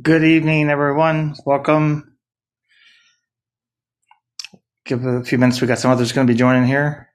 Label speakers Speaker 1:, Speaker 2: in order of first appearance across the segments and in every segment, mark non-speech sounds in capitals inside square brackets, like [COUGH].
Speaker 1: Good evening, everyone. Welcome. Give it a few minutes. We got some others going to be joining here.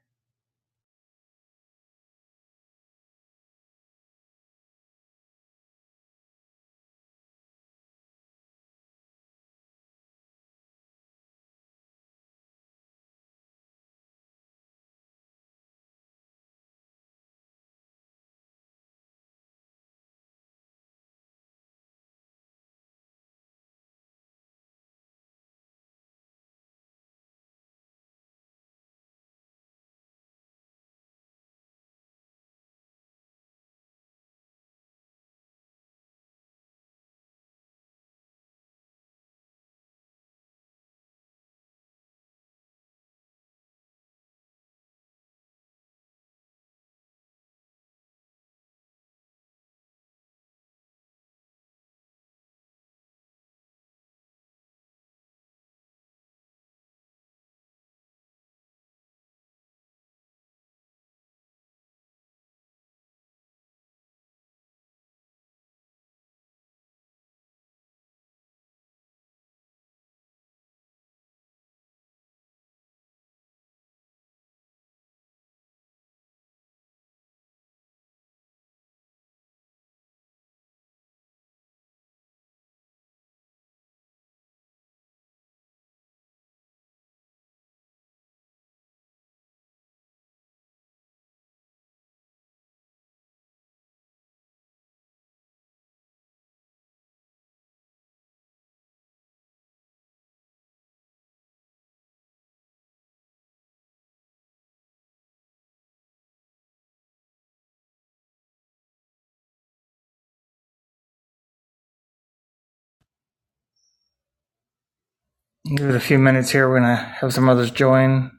Speaker 1: Give it a few minutes here. We're going to have some others join.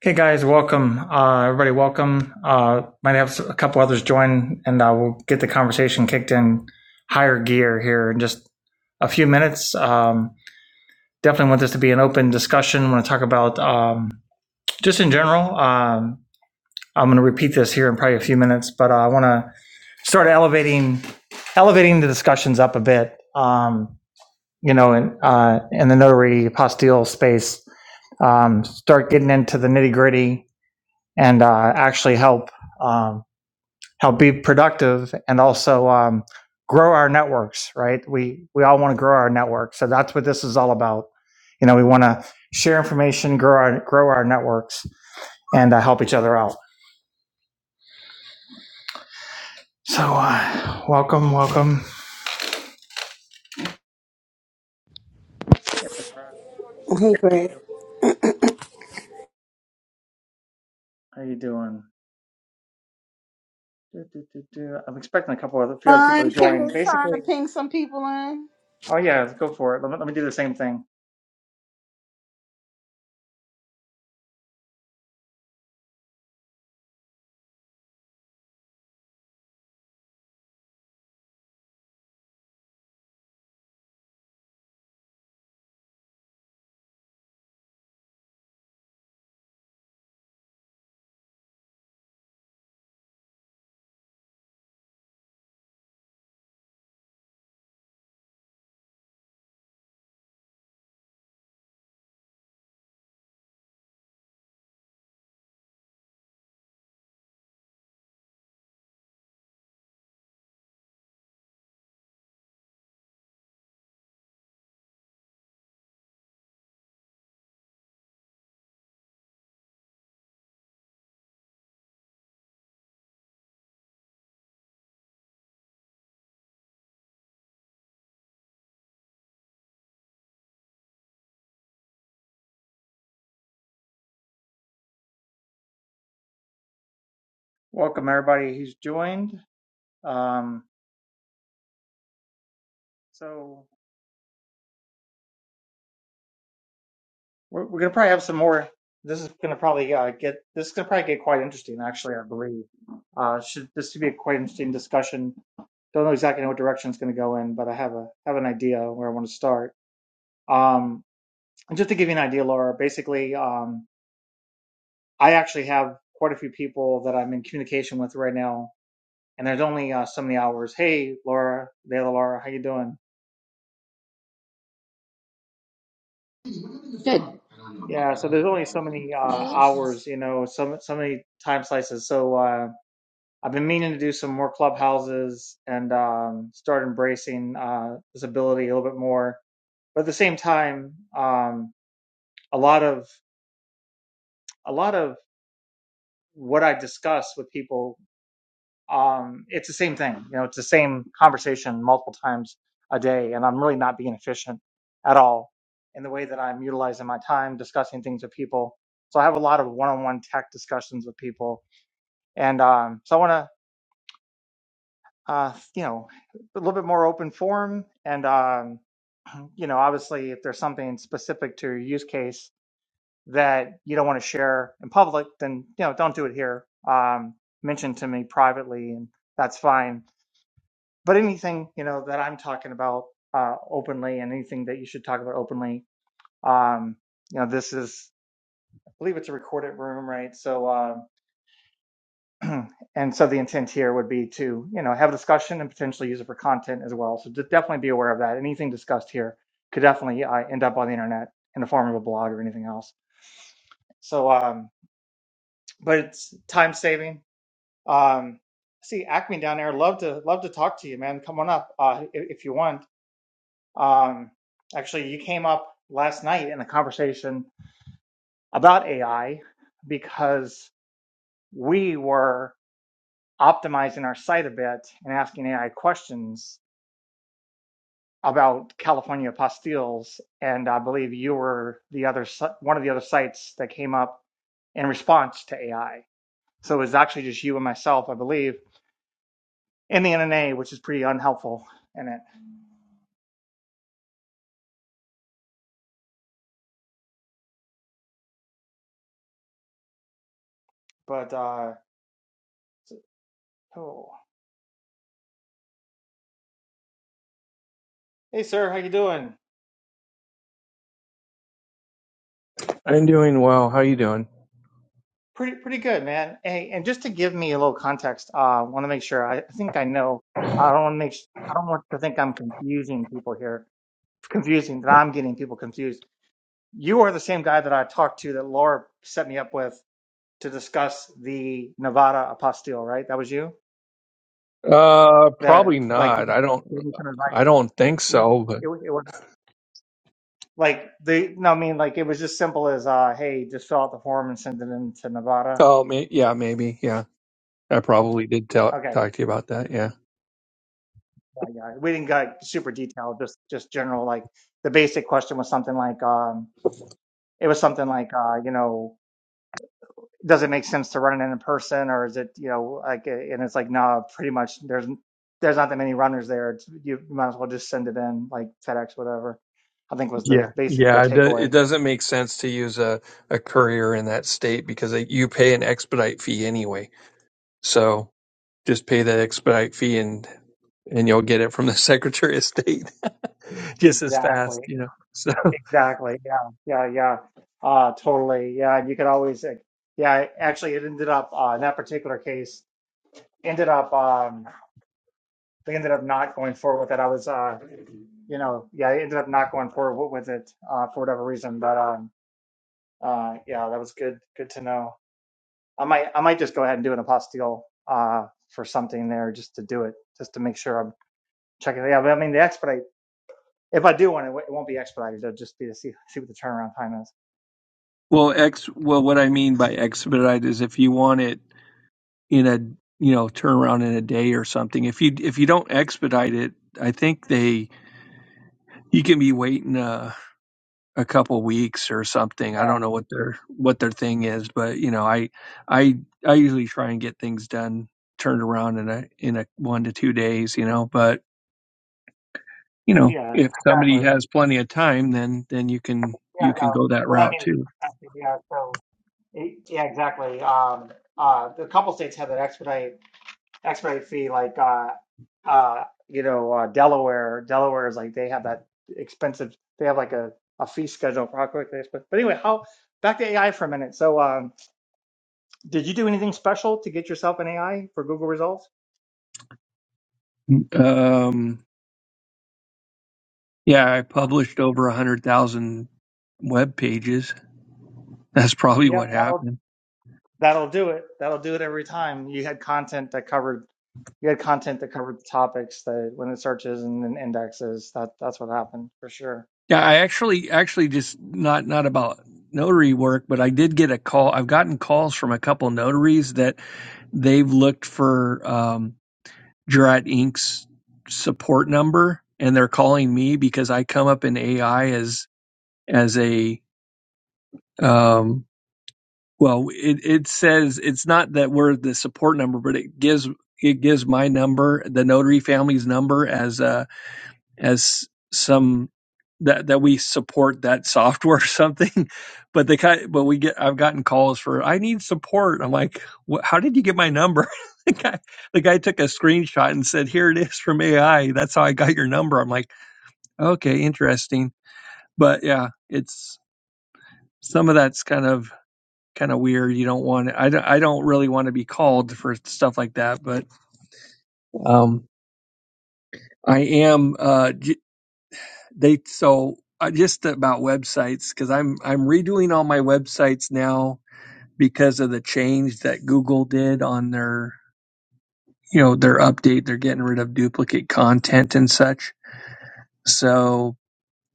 Speaker 1: Okay, guys, welcome. Uh, everybody, welcome. Uh, might have a couple others join, and uh, we'll get the conversation kicked in higher gear here in just a few minutes. Um, definitely want this to be an open discussion. I want to talk about um, just in general. Um, I'm going to repeat this here in probably a few minutes, but uh, I want to sort of elevating elevating the discussions up a bit. Um, you know, in uh, in the notary apostille space, um, start getting into the nitty gritty and uh, actually help um, help be productive and also um, grow our networks. Right? We we all want to grow our network, so that's what this is all about. You know, we want to share information, grow our grow our networks, and uh, help each other out. So, uh, welcome, welcome.
Speaker 2: Hey, Greg.
Speaker 1: How you doing? Do, do, do, do. I'm expecting a couple of a few other people to
Speaker 2: Fun. Can you
Speaker 1: join.
Speaker 2: trying to
Speaker 1: Basically,
Speaker 2: ping some people in?
Speaker 1: oh yeah, let's go for it. Let me, let me do the same thing. Welcome everybody who's joined. Um, so we're, we're gonna probably have some more. This is gonna probably uh, get this is gonna probably get quite interesting. Actually, I believe uh, should this should be a quite interesting discussion. Don't know exactly what direction it's gonna go in, but I have a have an idea where I want to start. Um, and just to give you an idea, Laura, basically, um, I actually have quite a few people that I'm in communication with right now and there's only uh, so many hours. Hey, Laura, Dale, Laura, how you doing?
Speaker 3: Good.
Speaker 1: Yeah, so there's only so many uh,
Speaker 3: Oh,
Speaker 1: hours, you know, so so many time slices. So uh, I've been meaning to do some more clubhouses and um, start embracing uh, this ability a little bit more. But at the same time, um, a lot of a lot of what I discuss with people um, it's the same thing. You know, it's the same conversation multiple times a day, and I'm really not being efficient at all in the way that I'm utilizing my time discussing things with people. So I have a lot of one-on-one tech discussions with people, and um, so I want to, uh, you know, a little bit more open forum, and um, [CLEARS THROAT] you know, obviously, if there's something specific to your use case that you don't want to share in public, then you know, don't do it here. Um, mention to me privately, and that's fine but anything you know that I'm talking about uh, openly, and anything that you should talk about openly, um, you know, this is I believe it's a recorded room, right? So, uh, [CLEARS THROAT] and so the intent here would be to you know have a discussion and potentially use it for content as well. So just definitely be aware of that. Anything discussed here could definitely uh, end up on the internet in the form of a blog or anything else. So, um, but it's time saving. Um, see Acme down there. Love to love to talk to you, man. Come on up uh, if, if you want. Um, actually, you came up last night in a conversation about AI because we were optimizing our site a bit and asking AI questions about California apostilles, and I believe you were the other si- one of the other sites that came up in response to AI. So it was actually just you and myself, I believe, in the NNA, which is pretty unhelpful in it. But uh, so- oh, hey, sir, how you doing?
Speaker 4: I'm doing well. How you doing?
Speaker 1: Pretty pretty good, man. Hey, and just to give me a little context, uh, I want to make sure I, I think I know. I don't want to make. s- I don't want to think I'm confusing people here. [LAUGHS] Confusing that I'm getting people confused. You are the same guy that I talked to that Laura set me up with to discuss the Nevada apostille, right? That was you.
Speaker 4: Uh,
Speaker 1: That
Speaker 4: probably
Speaker 1: like you
Speaker 4: not.
Speaker 1: just
Speaker 4: I don't.
Speaker 1: gave me some advice.
Speaker 4: I don't think
Speaker 1: It was,
Speaker 4: so. But
Speaker 1: it was, it was like the no, I mean like it was just simple as uh, hey, just fill out the form and send it in to Nevada.
Speaker 4: oh, may, yeah, maybe. Yeah, I probably did tell,
Speaker 1: Okay,
Speaker 4: talk to you about that. Yeah.
Speaker 1: Yeah, yeah. We didn't go like, super detailed, just just general. Like the basic question was something like, um, it was something like, uh, you know, does it make sense to run it in person, or is it, you know, like, uh, and it's like, no, pretty much. There's there's not that many runners there. It's, you might as well just send it in, like FedEx, whatever. I think was the
Speaker 4: Yeah,
Speaker 1: basic the
Speaker 4: yeah, it, do, it
Speaker 1: takeaway.
Speaker 4: doesn't make sense to use a, a courier in that state because they, you pay an expedite fee anyway. So just pay that expedite fee and and you'll get it from the [LAUGHS] Secretary of State [LAUGHS] just as
Speaker 1: Exactly.
Speaker 4: fast, you know. So
Speaker 1: Exactly. Yeah. Yeah. Yeah. Uh, totally. Yeah. and You could always, uh, yeah. Actually, it ended up uh, in that particular case ended up. Um, they ended up not going forward with it. I was, uh, you know, yeah, I ended up not going forward with it uh, for whatever reason. But um, uh, yeah, that was good. Good to know. I might, I might just go ahead and do an apostille uh, for something there just to do it, just to make sure I'm checking it out. But I mean, the expedite. If I do one, it, w- it won't be expedited. It'll just be to see see what the turnaround time is.
Speaker 4: well, ex well, what I mean by expedite is if you want it in a you know turnaround in a day or something. If you if you don't expedite it, I think they you can be waiting. uh a couple weeks or something.
Speaker 1: Yeah,
Speaker 4: I don't know what their what their thing is, but you know, I I I usually try and get things done turned around in a in a one to two days, you know, but you know,
Speaker 1: yeah,
Speaker 4: if somebody
Speaker 1: exactly.
Speaker 4: has plenty of time then then you can
Speaker 1: Yeah,
Speaker 4: you can
Speaker 1: no.
Speaker 4: go that
Speaker 1: What I
Speaker 4: route
Speaker 1: mean is the
Speaker 4: too.
Speaker 1: perspective. Yeah, so it, yeah, exactly. Um, uh, a couple states have that expedite expedite fee like uh uh you know uh Delaware Delaware is like they have that expensive they have like a a fee schedule for how quick they but but anyway how back to AI for a minute so um did you do anything special to get yourself an AI for Google results
Speaker 4: Um, yeah, I published over a hundred thousand web pages. That's probably what
Speaker 1: yep that'll
Speaker 4: happened.
Speaker 1: that'll do it that'll do it every time you had content that covered you had content that covered topics that when it searches and then indexes that that's what happened for sure
Speaker 4: Yeah, I actually, actually, just not not about notary work, but I did get a call. I've gotten calls from a couple notaries that they've looked for um, Jurat Inc.'s support number, and they're calling me because I come up in AI as as a um, Well, it, it says it's not that we're the support number, but it gives it gives my number, the notary family's number, as uh as some that that we support that software or something. [LAUGHS] But they kind, but we get I've gotten calls for I need support. I'm like, "Wh- how did you get my number? [LAUGHS] the guy the guy took a screenshot and said, here it is from AI. That's how I got your number. I'm like, okay, interesting. But yeah, it's some of that's kind of kind of weird. You don't want I don't, I don't really want to be called for stuff like that, but um, I am. Uh, they so uh, just about websites because I'm I'm redoing all my websites now because of the change that Google did on their you know their update. They're getting rid of duplicate content and such. So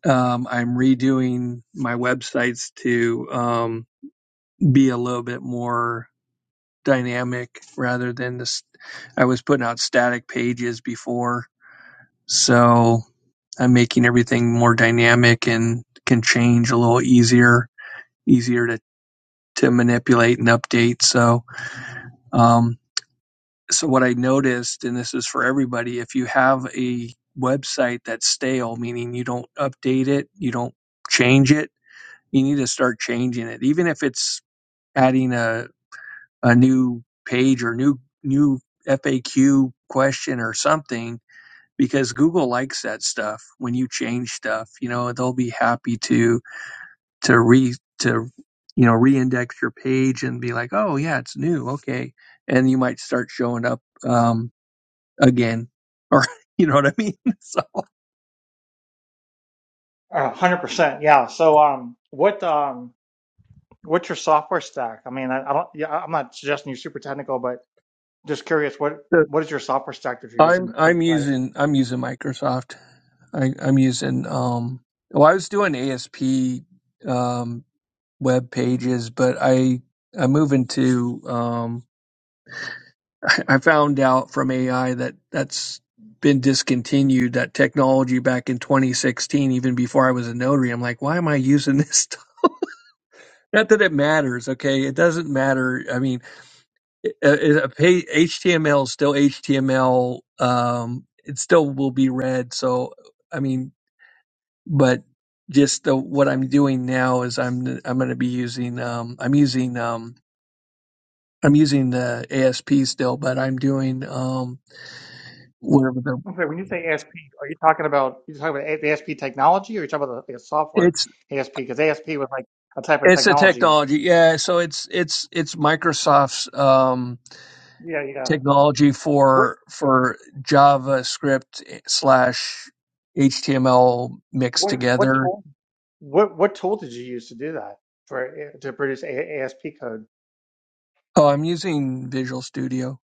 Speaker 4: um, I'm redoing my websites to um, be a little bit more dynamic rather than this. I was putting out static pages before, so I'm making everything more dynamic and can change a little easier, easier to to manipulate and update. So, um, so what I noticed, and this is for everybody, if you have a website that's stale, meaning you don't update it, you don't change it, you need to start changing it, even if it's adding a a new page or new new FAQ question or something because Google likes that stuff when you change stuff you know they'll be happy to to re to you know reindex your page and be like oh yeah it's new okay and you might start showing up um again or [LAUGHS] you know what I mean [LAUGHS] so
Speaker 1: A hundred percent yeah so um what um What's your software stack? I mean, I, I don't. Yeah, I'm not suggesting you're super technical, but just curious. What what is your software stack that you're
Speaker 4: I'm
Speaker 1: using for the
Speaker 4: I'm
Speaker 1: site?
Speaker 4: using I'm using Microsoft I, I'm using um well I was doing ASP um web pages, but I I'm moving to um, [LAUGHS] I found out from AI that that's been discontinued that technology back in 2016 even before I was a notary I'm like why am I using this stuff [LAUGHS] not that it matters okay it doesn't matter I mean it, a page, HTML is still HTML um it still will be read so I mean but just the, what I'm doing now is I'm I'm going to be using um I'm using um I'm using the ASP still, but I'm doing um whatever the
Speaker 1: Okay, when you say ASP, are you talking about you talking about the ASP technology, or you talking about the, the software
Speaker 4: it's
Speaker 1: ASP? Because ASP was like a type of
Speaker 4: it's a
Speaker 1: technology.
Speaker 4: technology. Yeah, so it's it's it's Microsoft's um
Speaker 1: Yeah, yeah.
Speaker 4: technology
Speaker 1: What
Speaker 4: for for JavaScript eh, slash HTML mixed
Speaker 1: what what
Speaker 4: together.
Speaker 1: tool what what tool did you use to do that for to produce a, ASP code?
Speaker 4: Oh, I'm using Visual Studio.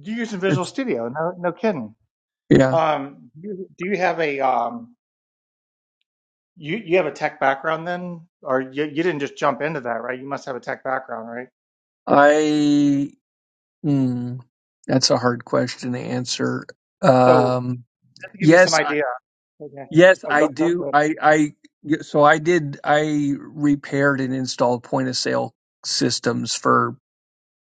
Speaker 1: Do you use in Visual
Speaker 4: It's,
Speaker 1: Studio? No, no kidding.
Speaker 4: yeah,
Speaker 1: Um, do you, do you have a um, You you have a tech background then, or you, you didn't just jump into that, right? You must have a tech background, right?
Speaker 4: I. Hmm, that's a hard question to answer.
Speaker 1: So
Speaker 4: Um,
Speaker 1: just to give you some
Speaker 4: yes,
Speaker 1: idea, okay.
Speaker 4: Yes,
Speaker 1: Oh, go,
Speaker 4: I
Speaker 1: go,
Speaker 4: do.
Speaker 1: go.
Speaker 4: I, I, so I did, I repaired and installed point of sale systems for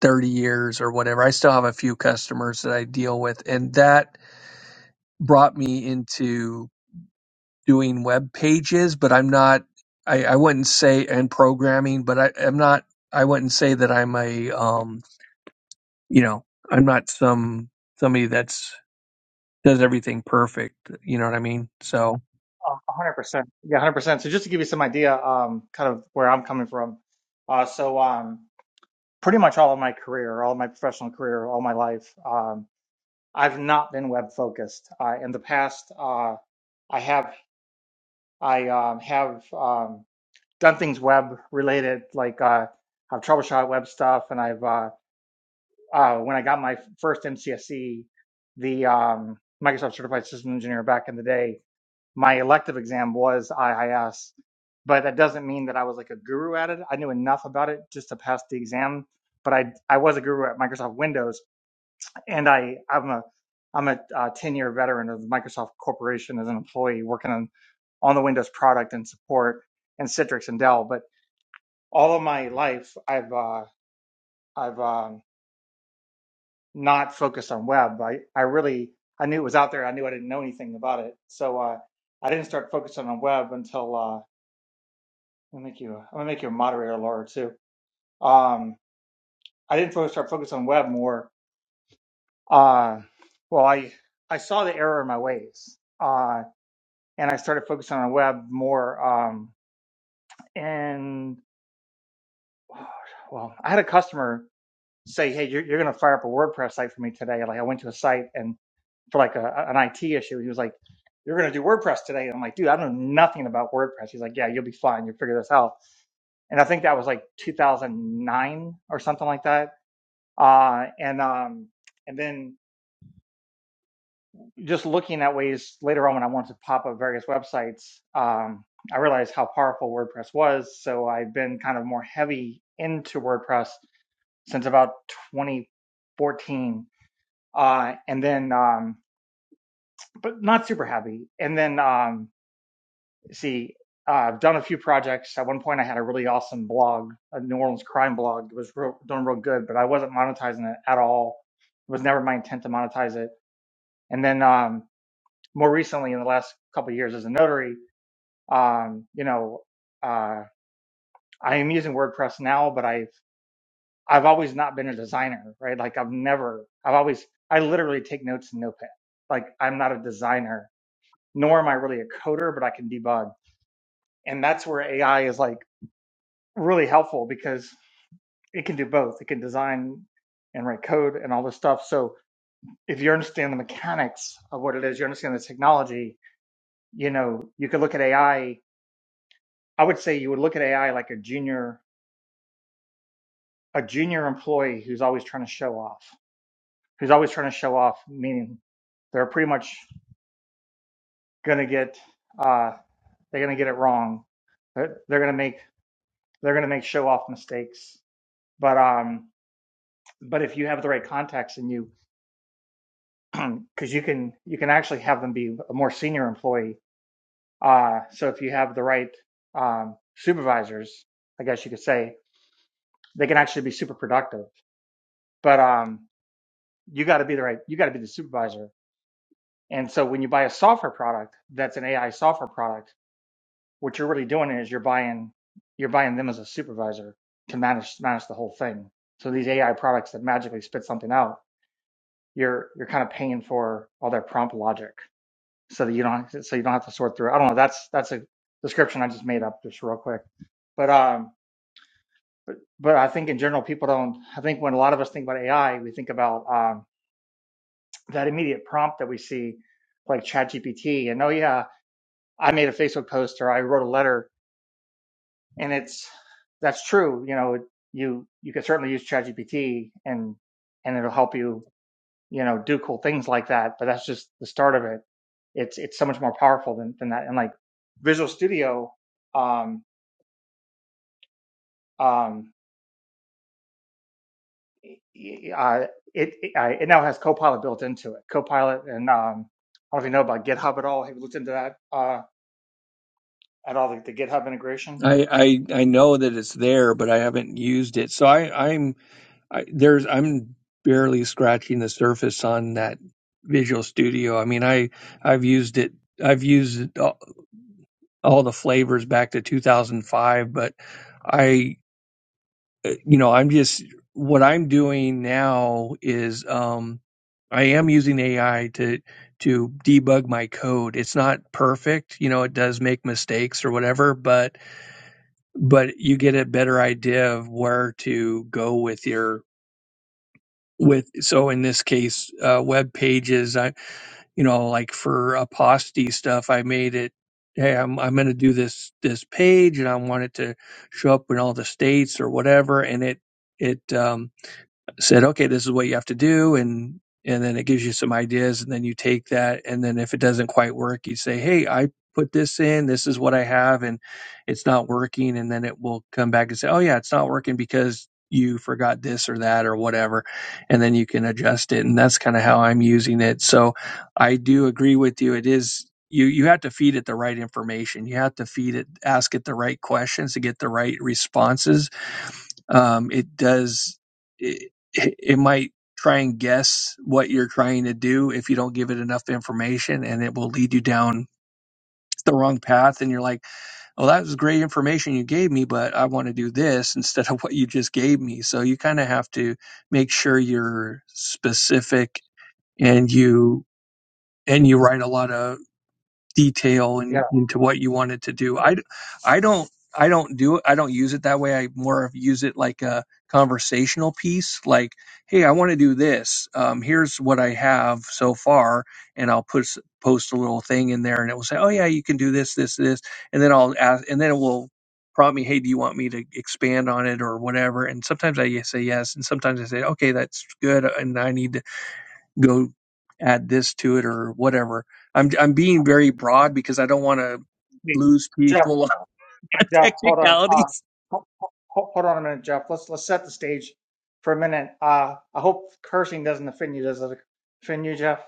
Speaker 4: 30 years or whatever. I still have a few customers that I deal with, and that brought me into doing web pages, but I'm not, I, I wouldn't say, and programming, but I, I'm not, I wouldn't say that I'm a, um, you know, I'm not some, somebody that's, does everything perfect. You know what I mean? So.
Speaker 1: Uh, 100%. Yeah, 100%. So just to give you some idea, um, kind of where I'm coming from. Uh, so um, pretty much all of my career, all of my professional career, all my life, um, I've not been web focused. Uh, in the past, uh, I have I um, have um, done things web related, like uh, I've troubleshot web stuff, and I've uh, uh, when I got my first MCSE, the um, Microsoft Certified System Engineer back in the day, my elective exam was IIS, but that doesn't mean that I was like a guru at it. I knew enough about it just to pass the exam, but I I was a guru at Microsoft Windows, and I I'm a I'm a ten year veteran of the Microsoft Corporation as an employee working on on the Windows product and support and Citrix and Dell, but all of my life I've uh, I've um, not focused on web. I, I really I knew it was out there. I knew I didn't know anything about it, so uh, I didn't start focusing on web until uh, I'm make you I'm gonna make you a moderator, Laura, too. Um, I didn't fo- start focusing on web more. Uh, well, I I saw the error in my ways, uh, and I started focusing on web more. Um, and well, I had a customer say, "Hey, you're, you're gonna fire up a WordPress site for me today." Like I went to a site and for like a, an IT issue. He was like, "You're going to do WordPress today." And I'm like, "Dude, I know nothing about WordPress." He's like, "Yeah, you'll be fine. You'll figure this out." And I think that was like 2009 or something like that. Uh, and um, and then just looking at ways later on when I wanted to pop up various websites, um, I realized how powerful WordPress was. So I've been kind of more heavy into WordPress since about 2014. Uh, and then, um, but not super heavy. And then, um, see uh, i've done a few projects at one point i had a really awesome blog a new orleans crime blog it was real, doing real good but i wasn't monetizing it at all it was never my intent to monetize it and then um, more recently in the last couple of years as a notary um, you know uh, i am using wordpress now but i've i've always not been a designer right like i've never i've always i literally take notes in notepad like i'm not a designer nor am i really a coder but i can debug and that's where ai is like really helpful because it can do both. It can design and write code and all this stuff. So if you understand the mechanics of what it is, you understand the technology, you know, you could look at AI. I I would say you would look at AI like a junior, a junior employee who's always trying to show off, who's always trying to show off, meaning they're pretty much going to get, uh, they're going to get it wrong. They're, they're going to make, they're going to make show off mistakes. But, um, but if you have the right context and you because [CLEARS THROAT] you can you can actually have them be a more senior employee. Uh, so if you have the right um, supervisors, I guess you could say they can actually be super productive. But um, you got to be the right you got to be the supervisor. And so when you buy a software product that's an AI software product, what you're really doing is you're buying you're buying them as a supervisor to manage manage the whole thing. So these AI products that magically spit something out, you're you're kind of paying for all their prompt logic. so that you don't so you don't have to sort through. I don't know. That's that's a description I just made up just real quick. But um, but I think in general people don't. I think when a lot of us think about AI, we think about um, that immediate prompt that we see, like ChatGPT, and oh yeah, I made a Facebook post or I wrote a letter, and it's that's true. You know, you you can certainly use ChatGPT and and it'll help you you know, do cool things like that. But that's just the start of it. It's it's so much more powerful than than that. And like Visual Studio, um, um, uh, it it, I, it now has Copilot built into it. Copilot and um, I don't know if you know about GitHub at all. Have you looked into that uh, at all? The, the GitHub integration.
Speaker 4: I, I I know that it's there, but I haven't used it. So I I'm I, there's I'm barely scratching the surface on that Visual Studio. I mean I I've used it I've used it, all, all the flavors back to 2005, but I uh, you know I'm just what I'm doing now is um I am using AI to to debug my code. It's not perfect, you know, it does make mistakes or whatever, but but you get a better idea of where to go with your with so in this case uh web pages i you know like for aposty stuff i made it hey i'm i'm going to do this this page and i want it to show up in all the states or whatever and it it um said, okay, this is what you have to do. And, and then it gives you some ideas and then you take that. And then if it doesn't quite work, you say, Hey, I put this in. This is what I have and it's not working. And then it will come back and say, Oh yeah, it's not working because you forgot this or that or whatever. And then you can adjust it. And that's kind of how I'm using it. So I do agree with you. It is. You, you have to feed it the right information. You have to feed it, ask it the right questions to get the right responses um, it does it, it might try and guess what you're trying to do if you don't give it enough information and it will lead you down the wrong path and you're like "Oh, that was great information you gave me but i want to do this [LAUGHS] instead of what you just gave me so you kind of have to make sure you're specific and you and you write a lot of detail
Speaker 1: Yeah.
Speaker 4: in, into what you wanted to do
Speaker 1: So,
Speaker 4: I, I do not I, d- I don't I don't do it. I don't use it that way. I more of use it like a conversational piece. Like, hey, I want to do this. Um, here's what I have so far, and I'll put s- post a little thing in there, and it will say, oh yeah, you can do this, this, this, and then I'll ask, and then it will prompt me, hey, do you want me to expand on it or whatever? And sometimes I say yes, and sometimes I say, okay, that's good, and I need to go add this to it or whatever. I'm I'm being very broad because I don't want to
Speaker 1: wait,
Speaker 4: lose
Speaker 1: Jeff,
Speaker 4: people [LAUGHS]
Speaker 1: yeah,
Speaker 4: on
Speaker 1: Jeff, hold on. Uh,
Speaker 4: technicalities.
Speaker 1: ho- ho- ho- hold on a minute, Jeff. Let's let's set the stage for a minute. Uh, I hope cursing doesn't offend you. Does it offend you, Jeff?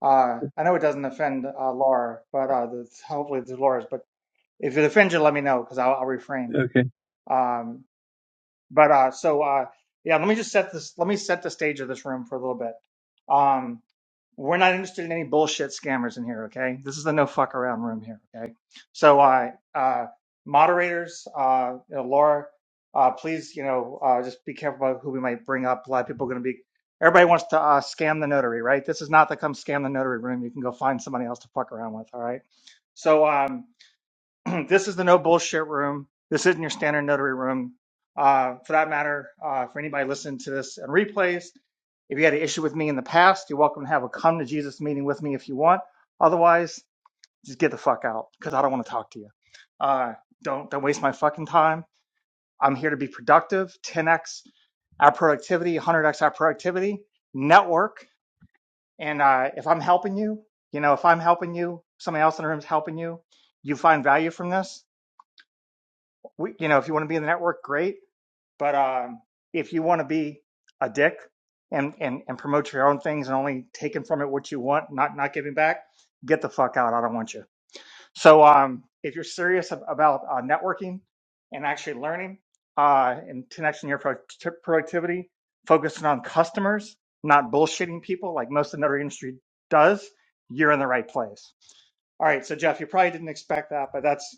Speaker 1: Uh, I know it doesn't offend uh, Laura, but uh, that's, hopefully it's Laura's. But if it offends you, let me know because I'll, I'll refrain.
Speaker 4: Okay.
Speaker 1: Um, but uh, so uh, yeah, let me just set this. Let me set the stage of this room for a little bit. Um, we're not interested in any bullshit scammers in here. Okay, this is the no fuck around room here. Okay, so uh, uh, moderators, uh, you know, Laura, uh, please, you know, uh, just be careful about who we might bring up. A lot of people are going to be. Everybody wants to uh, scam the notary, right? This is not the come scam the notary room. You can go find somebody else to fuck around with. All right. So um, [CLEARS THROAT] this is the no bullshit room. This isn't your standard notary room. Uh, for that matter, uh, for anybody listening to this and replays, if you had an issue with me in the past, you're welcome to have a come to Jesus meeting with me if you want. Otherwise, just get the fuck out because I don't want to talk to you. Uh, don't don't waste my fucking time. I'm here to be productive, 10x our productivity, 100x our productivity, network. And uh, if I'm helping you, you know, if I'm helping you, somebody else in the room is helping you, you find value from this we, you know, if you want to be in the network, great. But um, if you want to be a dick and, and and promote your own things and only taking from it what you want, not not giving back, get the fuck out. I don't want you. So um, if you're serious ab- about uh, networking and actually learning uh, and connecting your pro- t- productivity, focusing on customers, not bullshitting people like most of the other industry does, you're in the right place. All right, so Jeff, you probably didn't expect that, but that's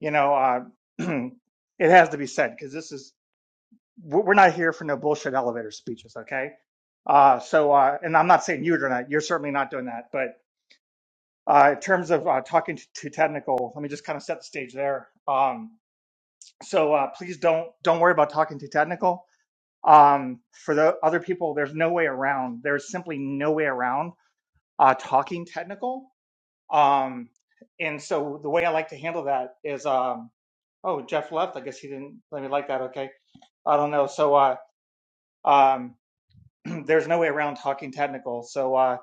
Speaker 1: you know, uh, [CLEARS THROAT] it has to be said because this is we're not here for no bullshit elevator speeches, okay? Uh, so, uh, and I'm not saying you're not, you're certainly not doing that, but uh, in terms of uh, talking to, to technical, let me just kind of set the stage there. Um, so uh, please don't don't worry about talking to technical. Um, for the other people, there's no way around. There's simply no way around uh, talking technical Um, and so the way I like to handle that is, um, oh, Jeff left. I guess he didn't let me like that. Okay. I don't know. So, uh, um, [CLEARS THROAT] there's no way around talking technical. So, uh,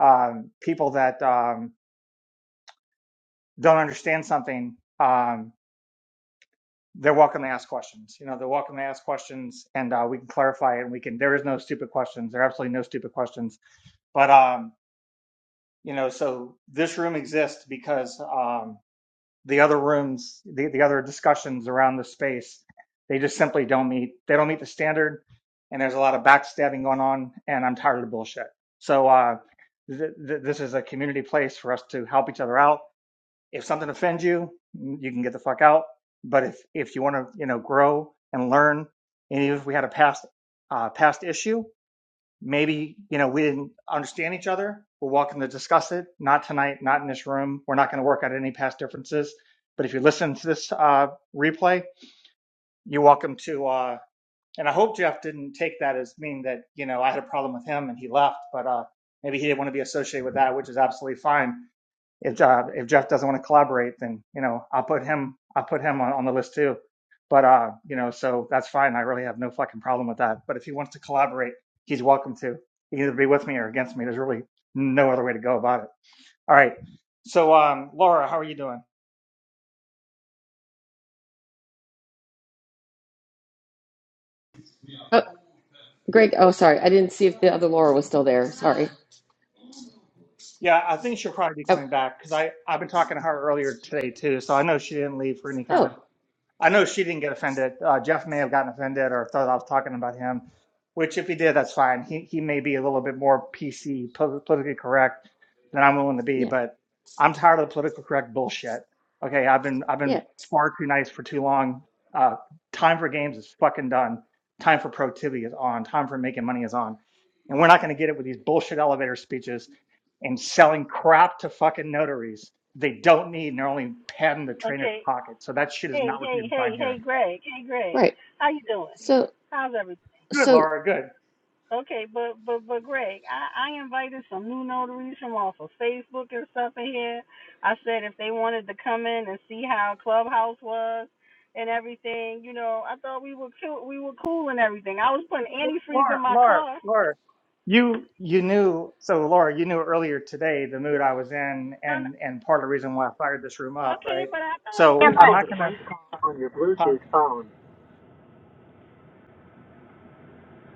Speaker 1: um, people that, um, don't understand something, um, they're welcome to ask questions. You know, they're welcome to ask questions and, uh, we can clarify it and we can, there is no stupid questions. There are absolutely no stupid questions. But, um, you know, so this room exists because, um, the other rooms, the, the other discussions around the space, they just simply don't meet. They don't meet the standard, and there's a lot of backstabbing going on. And I'm tired of the bullshit. So uh, th- th- this is a community place for us to help each other out. If something offends you, you can get the fuck out. But if if you want to, you know, grow and learn, and even if we had a past uh, past issue, maybe you know we didn't understand each other we're welcome to discuss it not tonight not in this room we're not going to work out any past differences but if you listen to this uh, replay you're welcome to uh, and i hope jeff didn't take that as mean that you know i had a problem with him and he left but uh, maybe he didn't want to be associated with that which is absolutely fine if Jeff, if Jeff doesn't want to collaborate, then you know I'll put him I'll put him on, on the list too. But uh, you know, so that's fine. I really have no fucking problem with that. But if he wants to collaborate, he's welcome to. He can either be with me or against me. There's really no other way to go about it. All right. So um, Laura, how are you doing?
Speaker 3: Greg. Oh, sorry. I didn't see if the other Laura was still there. Sorry.
Speaker 1: Yeah, I think she'll probably be
Speaker 3: Oh,
Speaker 1: coming back because I I've been talking to her earlier today too. So I know she didn't leave for any kind of
Speaker 3: oh
Speaker 1: I know she didn't get offended. Uh, Jeff may have gotten offended or thought I was talking about him, which if he did, that's fine. He he may be a little bit more PC, politically correct than I'm willing to be,
Speaker 3: yeah,
Speaker 1: but I'm tired of the political correct bullshit. Okay, I've been I've
Speaker 3: yeah.
Speaker 1: been far too nice for too long. Uh, time for games is fucking done. Time for productivity is on. Time for making money is on, and we're not going to get it with these bullshit elevator speeches and selling crap to fucking notaries they don't need, and they're only padding the trainer's
Speaker 2: Okay.
Speaker 1: pocket. So that shit is
Speaker 2: Hey,
Speaker 1: not what you
Speaker 2: hey,
Speaker 1: can find
Speaker 2: hey,
Speaker 1: here.
Speaker 2: hey, Greg. Hey, Greg.
Speaker 3: Right.
Speaker 2: How you doing?
Speaker 3: So,
Speaker 2: How's everything?
Speaker 1: Good,
Speaker 3: so
Speaker 1: Laura. Good,
Speaker 2: Okay, but but but Greg, I, I invited some new notaries from off of Facebook and stuff in here. I said if they wanted to come in and see how Clubhouse was and everything, you know, I thought we were cool, we were cool and everything. I was putting antifreeze
Speaker 1: Laura.
Speaker 2: in my
Speaker 1: Laura.
Speaker 2: car.
Speaker 1: Laura. You you knew so Laura. You knew earlier today the mood I was in,
Speaker 2: No, no,
Speaker 1: and and part of the reason why I fired this room up,
Speaker 2: okay,
Speaker 1: right?
Speaker 2: but
Speaker 1: So
Speaker 2: I
Speaker 1: I'm not gonna.
Speaker 2: thought. Damn
Speaker 1: huh?
Speaker 2: right.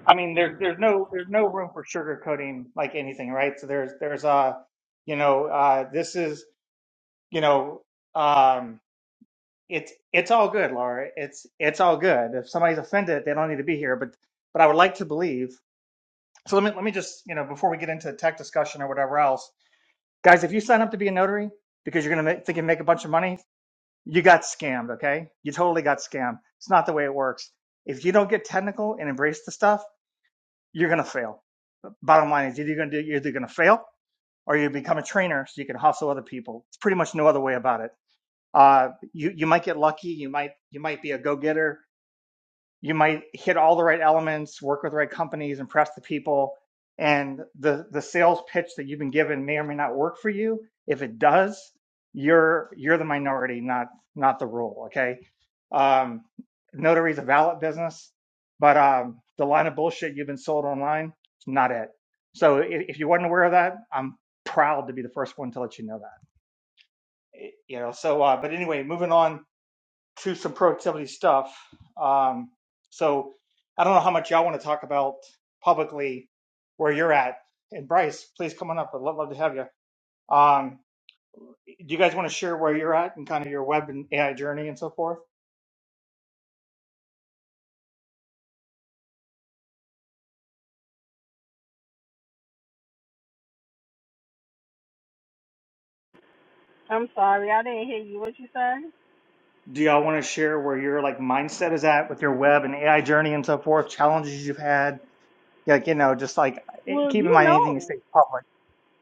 Speaker 1: I mean, there's there's no there's no room for sugarcoating like anything, right? So there's there's uh you know uh this is you know um it's it's all good, Laura. It's it's all good. If somebody's offended, they don't need to be here. But but I would like to believe. So let me let me just you know before we get into the tech discussion or whatever else, guys, if you sign up to be a notary because you're gonna make, think you make a bunch of money, you got scammed. Okay, you totally got scammed. It's not the way it works. If you don't get technical and embrace the stuff, you're gonna fail. Bottom line is either you're gonna do you're either gonna fail or you become a trainer so you can hustle other people. It's pretty much no other way about it. Uh, you you might get lucky. You might you might be a go getter you might hit all the right elements, work with the right companies, impress the people, and the the sales pitch that you've been given may or may not work for you. If it does, you're you're the minority, not not the rule. Okay, um, notary is a valid business, but um, the line of bullshit you've been sold online is not it. So if, if you weren't aware of that, I'm proud to be the first one to let you know that. You know. So, uh, but anyway, moving on to some productivity stuff. Um, so I don't know how much y'all want to talk about publicly where you're at. And Bryce, please come on up. I'd love, love to have you. Um, do you guys want to share where you're at and kind of your web and AI journey and so forth?
Speaker 2: I'm sorry, I didn't hear you. What you said?
Speaker 1: Do y'all want to share where your like mindset is at with your web and AI journey and so forth? Challenges you've had, like you know, just like eh,
Speaker 2: Well,
Speaker 1: keep in
Speaker 2: you
Speaker 1: mind anything you
Speaker 2: know,
Speaker 1: say is public.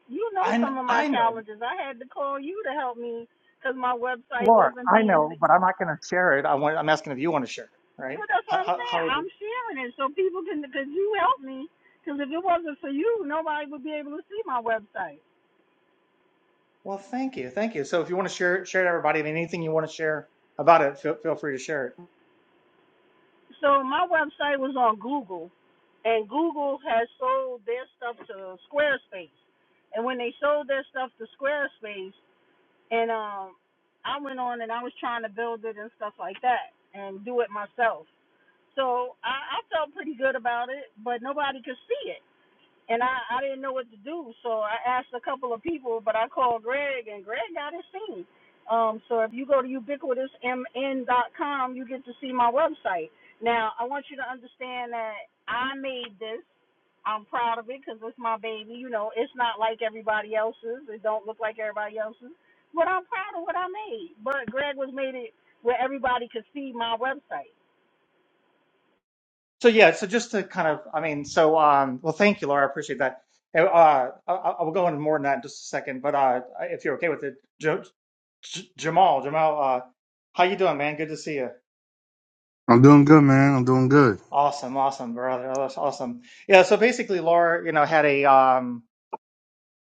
Speaker 2: you know
Speaker 1: I
Speaker 2: some of my
Speaker 1: I know,
Speaker 2: challenges. I had to call you to help me because my website
Speaker 1: Laura,
Speaker 2: wasn't
Speaker 1: I
Speaker 2: being.
Speaker 1: know,
Speaker 2: se-
Speaker 1: but I'm not going to share it. I want I'm asking if you want to share it,
Speaker 2: No,
Speaker 1: right?
Speaker 2: that's
Speaker 1: How
Speaker 2: what I'm
Speaker 1: how,
Speaker 2: saying.
Speaker 1: how
Speaker 2: I'm sharing it so people can, because you helped me. Because if it wasn't for you, nobody would be able to see my website.
Speaker 1: Well, thank you, thank you. So, if you want to share it, share it, everybody, I mean, anything you want to share about it, feel, feel free to share it.
Speaker 2: So my website was on Google, and Google has sold their stuff to Squarespace. And when they sold their stuff to Squarespace, And um, I went on and I was trying to build it and stuff like that and do it myself. So I, I felt pretty good about it, but nobody could see it. And I, I didn't know what to do. So I asked a couple of people, but I called Greg and Greg got it seen. Um, so if you go to ubiquitousmn.com, you get to see my website. Now, I want you to understand that I made this. I'm proud of it because it's my baby. You know, it's not like everybody else's. It don't look like everybody else's. But I'm proud of what I made. But Greg was made it where everybody could see my website.
Speaker 1: So, yeah, so just to kind of, I mean, so, um, well, thank you, Laura, I appreciate that. And, Uh, I, I- I'll go into more than that in just a second, but uh, if you're okay with it, jo- J- Jamal, Jamal, uh, how you doing, man? Good to see you.
Speaker 5: I'm doing good, man. I'm doing good.
Speaker 1: Awesome, awesome, brother. Oh, that's awesome. Yeah. So basically, Laura, you know, had a. Um,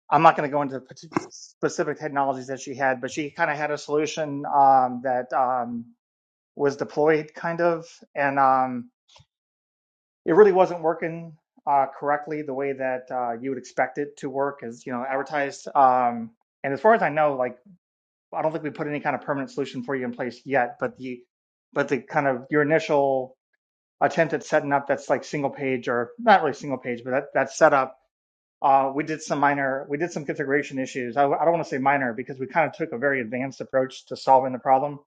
Speaker 1: I'm not going to go into pat- specific technologies that she had, but she kind of had a solution um, that. Um, was deployed kind of and um, it really wasn't working uh, correctly the way that uh, you would expect it to work as you know advertised um, and as far as i know like i don't think we put any kind of permanent solution for you in place yet but the but the kind of your initial attempt at setting up that's like single page or not really single page but that that setup uh, we did some minor we did some configuration issues i, I don't want to say minor because we kind of took a very advanced approach to solving the problem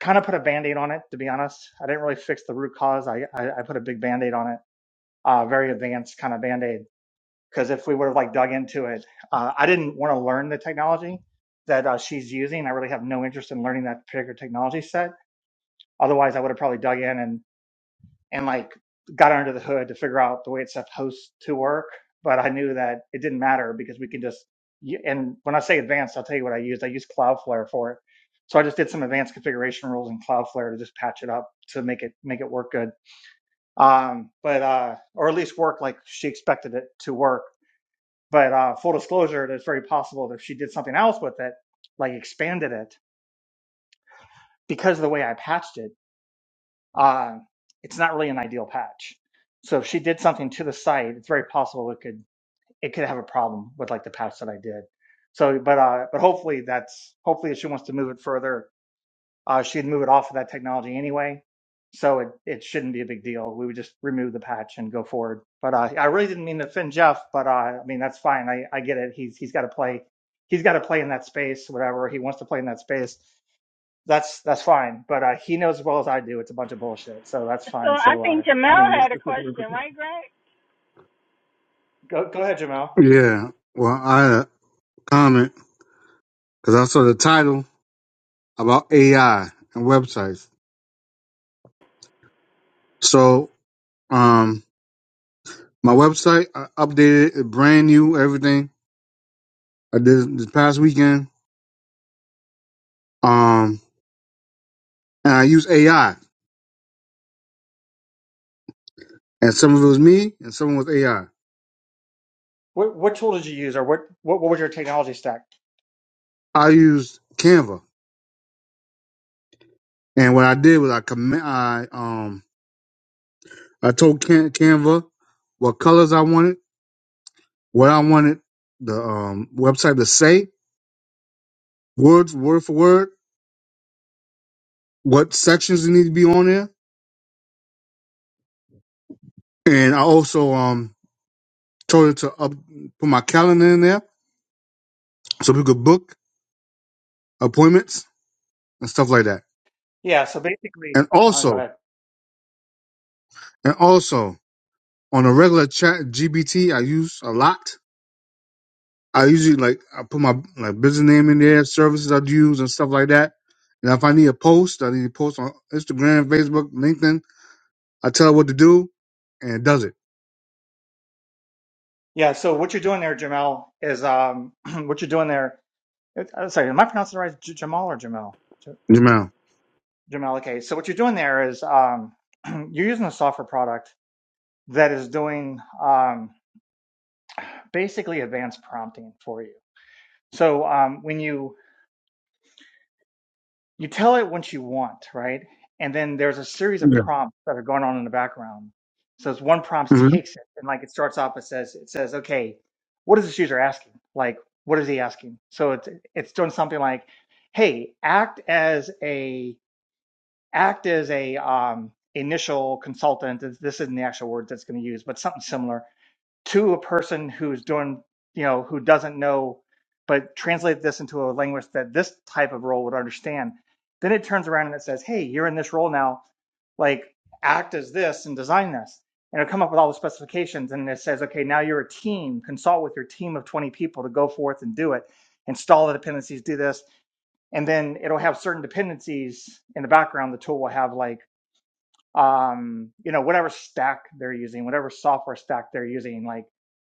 Speaker 1: kind of put a band-aid on it to be honest i didn't really fix the root cause i i, I put a big band-aid on it uh very advanced kind of band-aid because if we would have like dug into it uh, i didn't want to learn the technology that uh, she's using i really have no interest in learning that particular technology set otherwise i would have probably dug in and and like got under the hood to figure out the way it's supposed to work. But I knew that it didn't matter because we can just, y- and when I say advanced, I'll tell you what I used. I used Cloudflare for it. So I just did some advanced configuration rules in Cloudflare to just patch it up to make it, make it work good. Um, but, uh, or at least work like she expected it to work. But, uh, full disclosure, it's very possible that if she did something else with it, like expanded it because of the way I patched it uh, it's not really an ideal patch. So if she did something to the site, it's very possible it could it could have a problem with like the patch that I did. So, but uh, but hopefully that's hopefully if she wants to move it further, uh, she'd move it off of that technology anyway. So it it shouldn't be a big deal. We would just remove the patch and go forward. But uh, I really didn't mean to offend Jeff, but uh, I mean that's fine. I I get it. He's he's got to play. He's got to play in that space, whatever he wants to play in that space that's that's fine. But uh, he knows as well as I do. It's a bunch of bullshit. So that's
Speaker 2: So
Speaker 1: fine.
Speaker 2: I
Speaker 1: So uh,
Speaker 2: think
Speaker 1: I
Speaker 2: Jamel
Speaker 1: mean, this
Speaker 2: had a
Speaker 1: this is
Speaker 2: question,
Speaker 1: ridiculous.
Speaker 2: right, Greg?
Speaker 1: Go go ahead, Jamal.
Speaker 5: Yeah. Well, I had a comment because I saw the title about AI and websites. So, um, my website I updated, it brand new, everything. I did this past weekend. Um, and I used AI, and some of it was me, and some was AI.
Speaker 1: What what tool did you use, or what what, what was your technology stack?
Speaker 5: I I used Canva, and what I did was I commit. I um, I told Can- Canva what colors I wanted, what I wanted the um website to say, words word for word what sections need to be on there. And I also um told her to up, put my calendar in there so we could book appointments and stuff like that.
Speaker 1: Yeah. So basically,
Speaker 5: And
Speaker 1: uh, go
Speaker 5: also,
Speaker 1: ahead.
Speaker 5: and also on a regular chat GBT, I use a lot. I usually like I put my like business name in there, services I use and stuff like that. And if I need a post, I need to post on Instagram, Facebook, LinkedIn. I tell her what to do, and it does it.
Speaker 1: Yeah. So what you're doing there, Jamal, is um [CLEARS THROAT] what you're doing there. it- I'm sorry, am I pronouncing it right, J- Jamal or Jamel? J-
Speaker 5: Jamal.
Speaker 1: Jamal. Okay. So what you're doing there is um [CLEARS THROAT] you're using a software product that is doing um basically advanced prompting for you. So um, when you You tell it what you want, right? And then there's a series of
Speaker 5: Yeah.
Speaker 1: prompts that are going on in the background. So it's one prompt
Speaker 5: hmm
Speaker 1: takes it and like it starts off, it says, it says, okay, what is this user asking? Like, what is he asking? So it's it's doing something like, hey, act as a act as a um initial consultant. This this isn't the actual word that's going to use, but something similar to a person who's doing, you know, who doesn't know, but translate this into a language that this type of role would understand. Then it turns around and it says, hey, you're in this role now. Like, act as this and design this. And it'll come up with all the specifications. And it says, okay, now you're a team. Consult with your team of 20 people to go forth and do it. Install the dependencies, do this. And then it'll have certain dependencies in the background. The tool will have like, um, you know, whatever stack they're using, whatever software stack they're using. Like,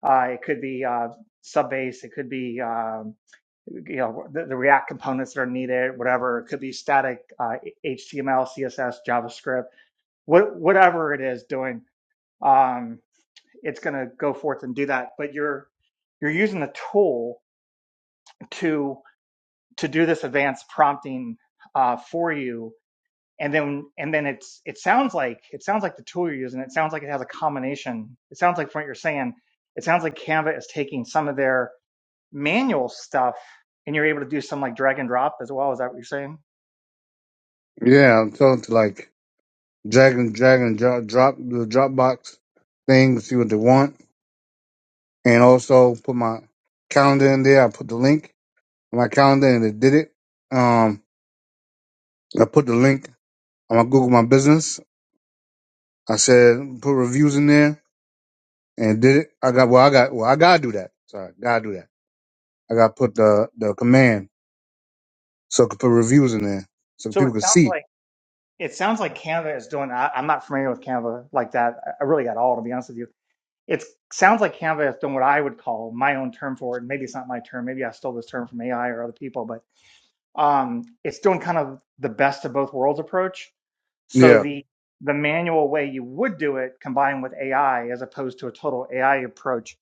Speaker 1: uh, it could be uh, Subbase, it could be um, you know the, the React components that are needed, whatever. It could be static uh, HTML, CSS, JavaScript, what, whatever it is doing. Um, it's going to go forth and do that. But you're you're using the tool to to do this advanced prompting uh, for you and then and then it's it sounds like it sounds like the tool you're using it sounds like it has a combination it sounds like from what you're saying it sounds like canva is taking some of their manual stuff and you're able to do some like drag and drop as well is that what you're saying
Speaker 5: Yeah, I'm telling her to like dragon dragon drop drop the Dropbox thing, to see what they want, and also put my calendar in there. I put the link on my calendar, and it did it. Um, I put the link on my Google My Business. I said put reviews in there, and it did it. I got well, I got well, I gotta do that. Sorry, gotta do that. I gotta put the the command so I could put reviews in there so
Speaker 1: so it
Speaker 5: people could
Speaker 1: sounds
Speaker 5: see.
Speaker 1: like it sounds like canva is doing I, i'm not familiar with canva like that I really at all to be honest with you it sounds like canva is doing what i would call my own term for it maybe it's not my term maybe i stole this term from ai or other people but um, it's doing kind of the best of both worlds approach So
Speaker 5: Yeah,
Speaker 1: the the manual way you would do it combined with AI as opposed to a total AI approach,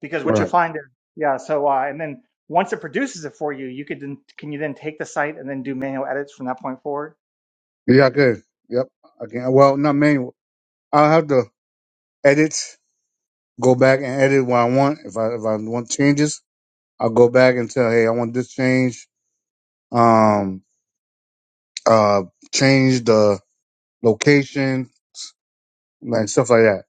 Speaker 1: because what you'll
Speaker 5: right.
Speaker 1: find is yeah. So uh, and then once it produces it for you, you could then can you then take the site and then do manual edits from that point forward.
Speaker 5: Yeah, I could. Yep, I can. Well, not manual. I'll have to edit. go back and edit what I want. If I if I want changes, I'll go back and tell, hey, I want this change. Um, uh, change the location, like stuff like that.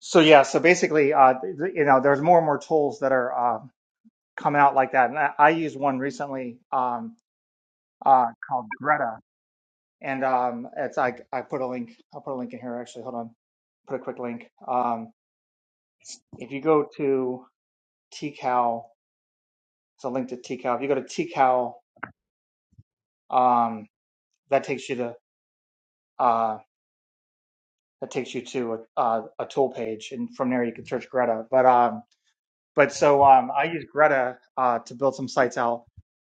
Speaker 1: So yeah. So basically, uh, th- you know, there's more and more tools that are uh, coming out like that, and I, I used one recently um, uh, called Greta, and um, it's I I put a link. I'll put a link in here actually. Hold on, put a quick link. Um, if you go to tcal It's a link to TCal. If you go to TCal, um, that takes you to uh, that takes you to a, a, a tool page, and from there you can search Greta. But um, but so um, I use Greta uh, to build some sites out,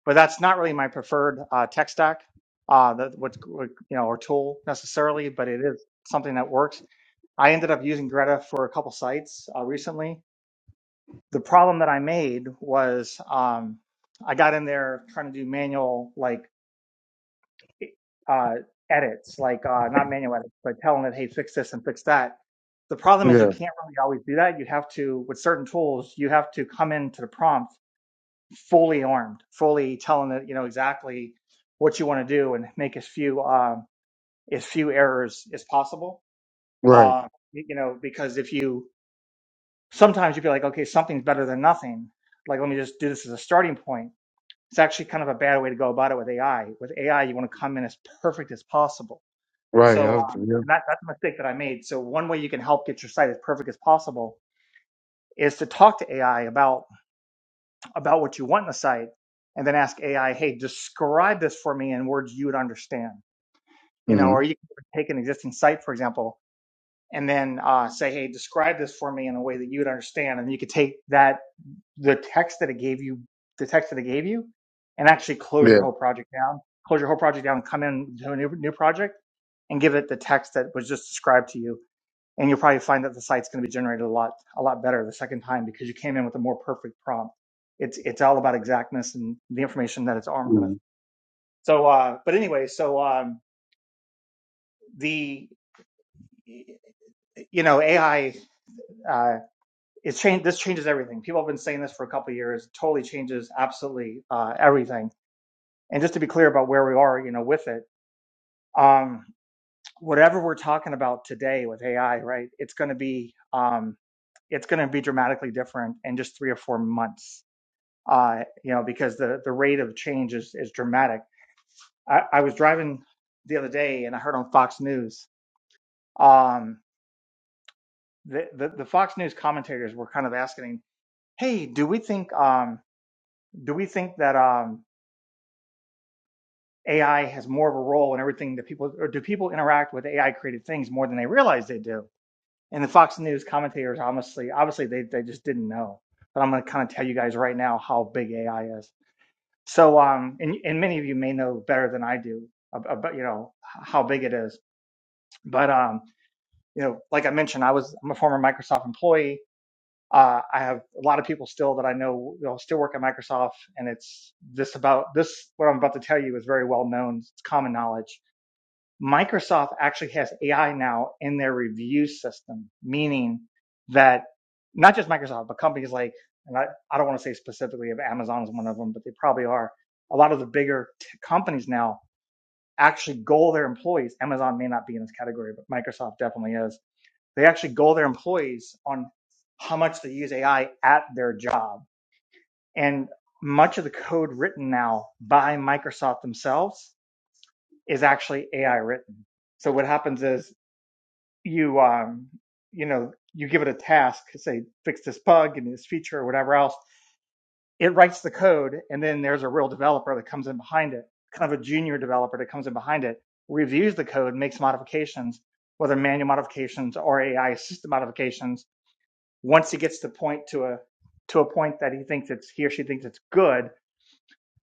Speaker 1: but that's not really my preferred uh, tech stack, uh, that what's what, you know or tool necessarily, but it is something that works. I ended up using Greta for a couple sites uh, recently. The problem that I made was um, I got in there trying to do manual like uh, edits, like uh, not manual edits, but telling it, hey, fix this and fix that. The problem is you
Speaker 5: Yeah,
Speaker 1: can't really always do that. You have to, with certain tools, you have to come into the prompt fully armed, fully telling it, you know, exactly what you want to do and make as few um, as few errors as possible.
Speaker 5: right,
Speaker 1: Uh, y- you know, because if you sometimes you'd be like, okay, something's better than nothing. Like, let me just do this as a starting point. It's actually kind of a bad way to go about it with AI. With AI, you want to come in as perfect as possible
Speaker 5: right. I
Speaker 1: so,
Speaker 5: have to-
Speaker 1: um, and
Speaker 5: yeah,
Speaker 1: that, that's a mistake that I made. So, one way you can help get your site as perfect as possible is to talk to AI about about what you want in the site, and then ask AI, "Hey, describe this for me in words you would understand." You know,
Speaker 5: hmm
Speaker 1: or you can take an existing site, for example, and then uh, say, "Hey, describe this for me in a way that you would understand," and you could take that the text that it gave you, the text that it gave you, and actually close
Speaker 5: yeah,
Speaker 1: your whole project down, close your whole project down, come in to a new new project, and give it the text that was just described to you and you'll probably find that the site's going to be generated a lot a lot better the second time because you came in with a more perfect prompt. It's it's all about exactness and the information that it's armed with.
Speaker 5: mhm.
Speaker 1: So, uh, but anyway, so um, the you know AI uh, it's changed. This changes everything. People have been saying this for a couple of years. It totally changes absolutely uh, everything. And just to be clear about where we are, you know, with it, um, whatever we're talking about today with AI, right? It's going to be um, it's going to be dramatically different in just three or four months uh, you know, because the, the rate of change is, is dramatic. I, I was driving the other day and I heard on Fox News, um, the, the, the Fox News commentators were kind of asking, Hey, do we think, um, do we think that, um, AI has more of a role in everything that people, or do people interact with AI created things more than they realize they do? And the Fox News commentators, honestly, obviously they, they just didn't know, but I'm going to kind of tell you guys right now how big AI is. So, um, and, and many of you may know better than I do about, you know, how big it is. But, um, you know, like I mentioned, I was, I'm a former Microsoft employee. Uh, I have a lot of people still that I know, you know, still work at Microsoft and it's this about this, what I'm about to tell you is very well known. It's common knowledge. Microsoft actually has AI now in their review system, meaning that not just Microsoft, but companies like, and I, I don't want to say specifically if Amazon is one of them, but they probably are. A lot of the bigger t- companies now actually goal their employees. Amazon may not be in this category, but Microsoft definitely is. They actually goal their employees on how much they use AI at their job. And much of the code written now by Microsoft themselves is actually AI written. So what happens is you um you know you give it a task say fix this bug and this feature or whatever else it writes the code and then there's a real developer that comes in behind it kind of a junior developer that comes in behind it reviews the code makes modifications whether manual modifications or ai system modifications once he gets to point to a to a point that he thinks it's he or she thinks it's good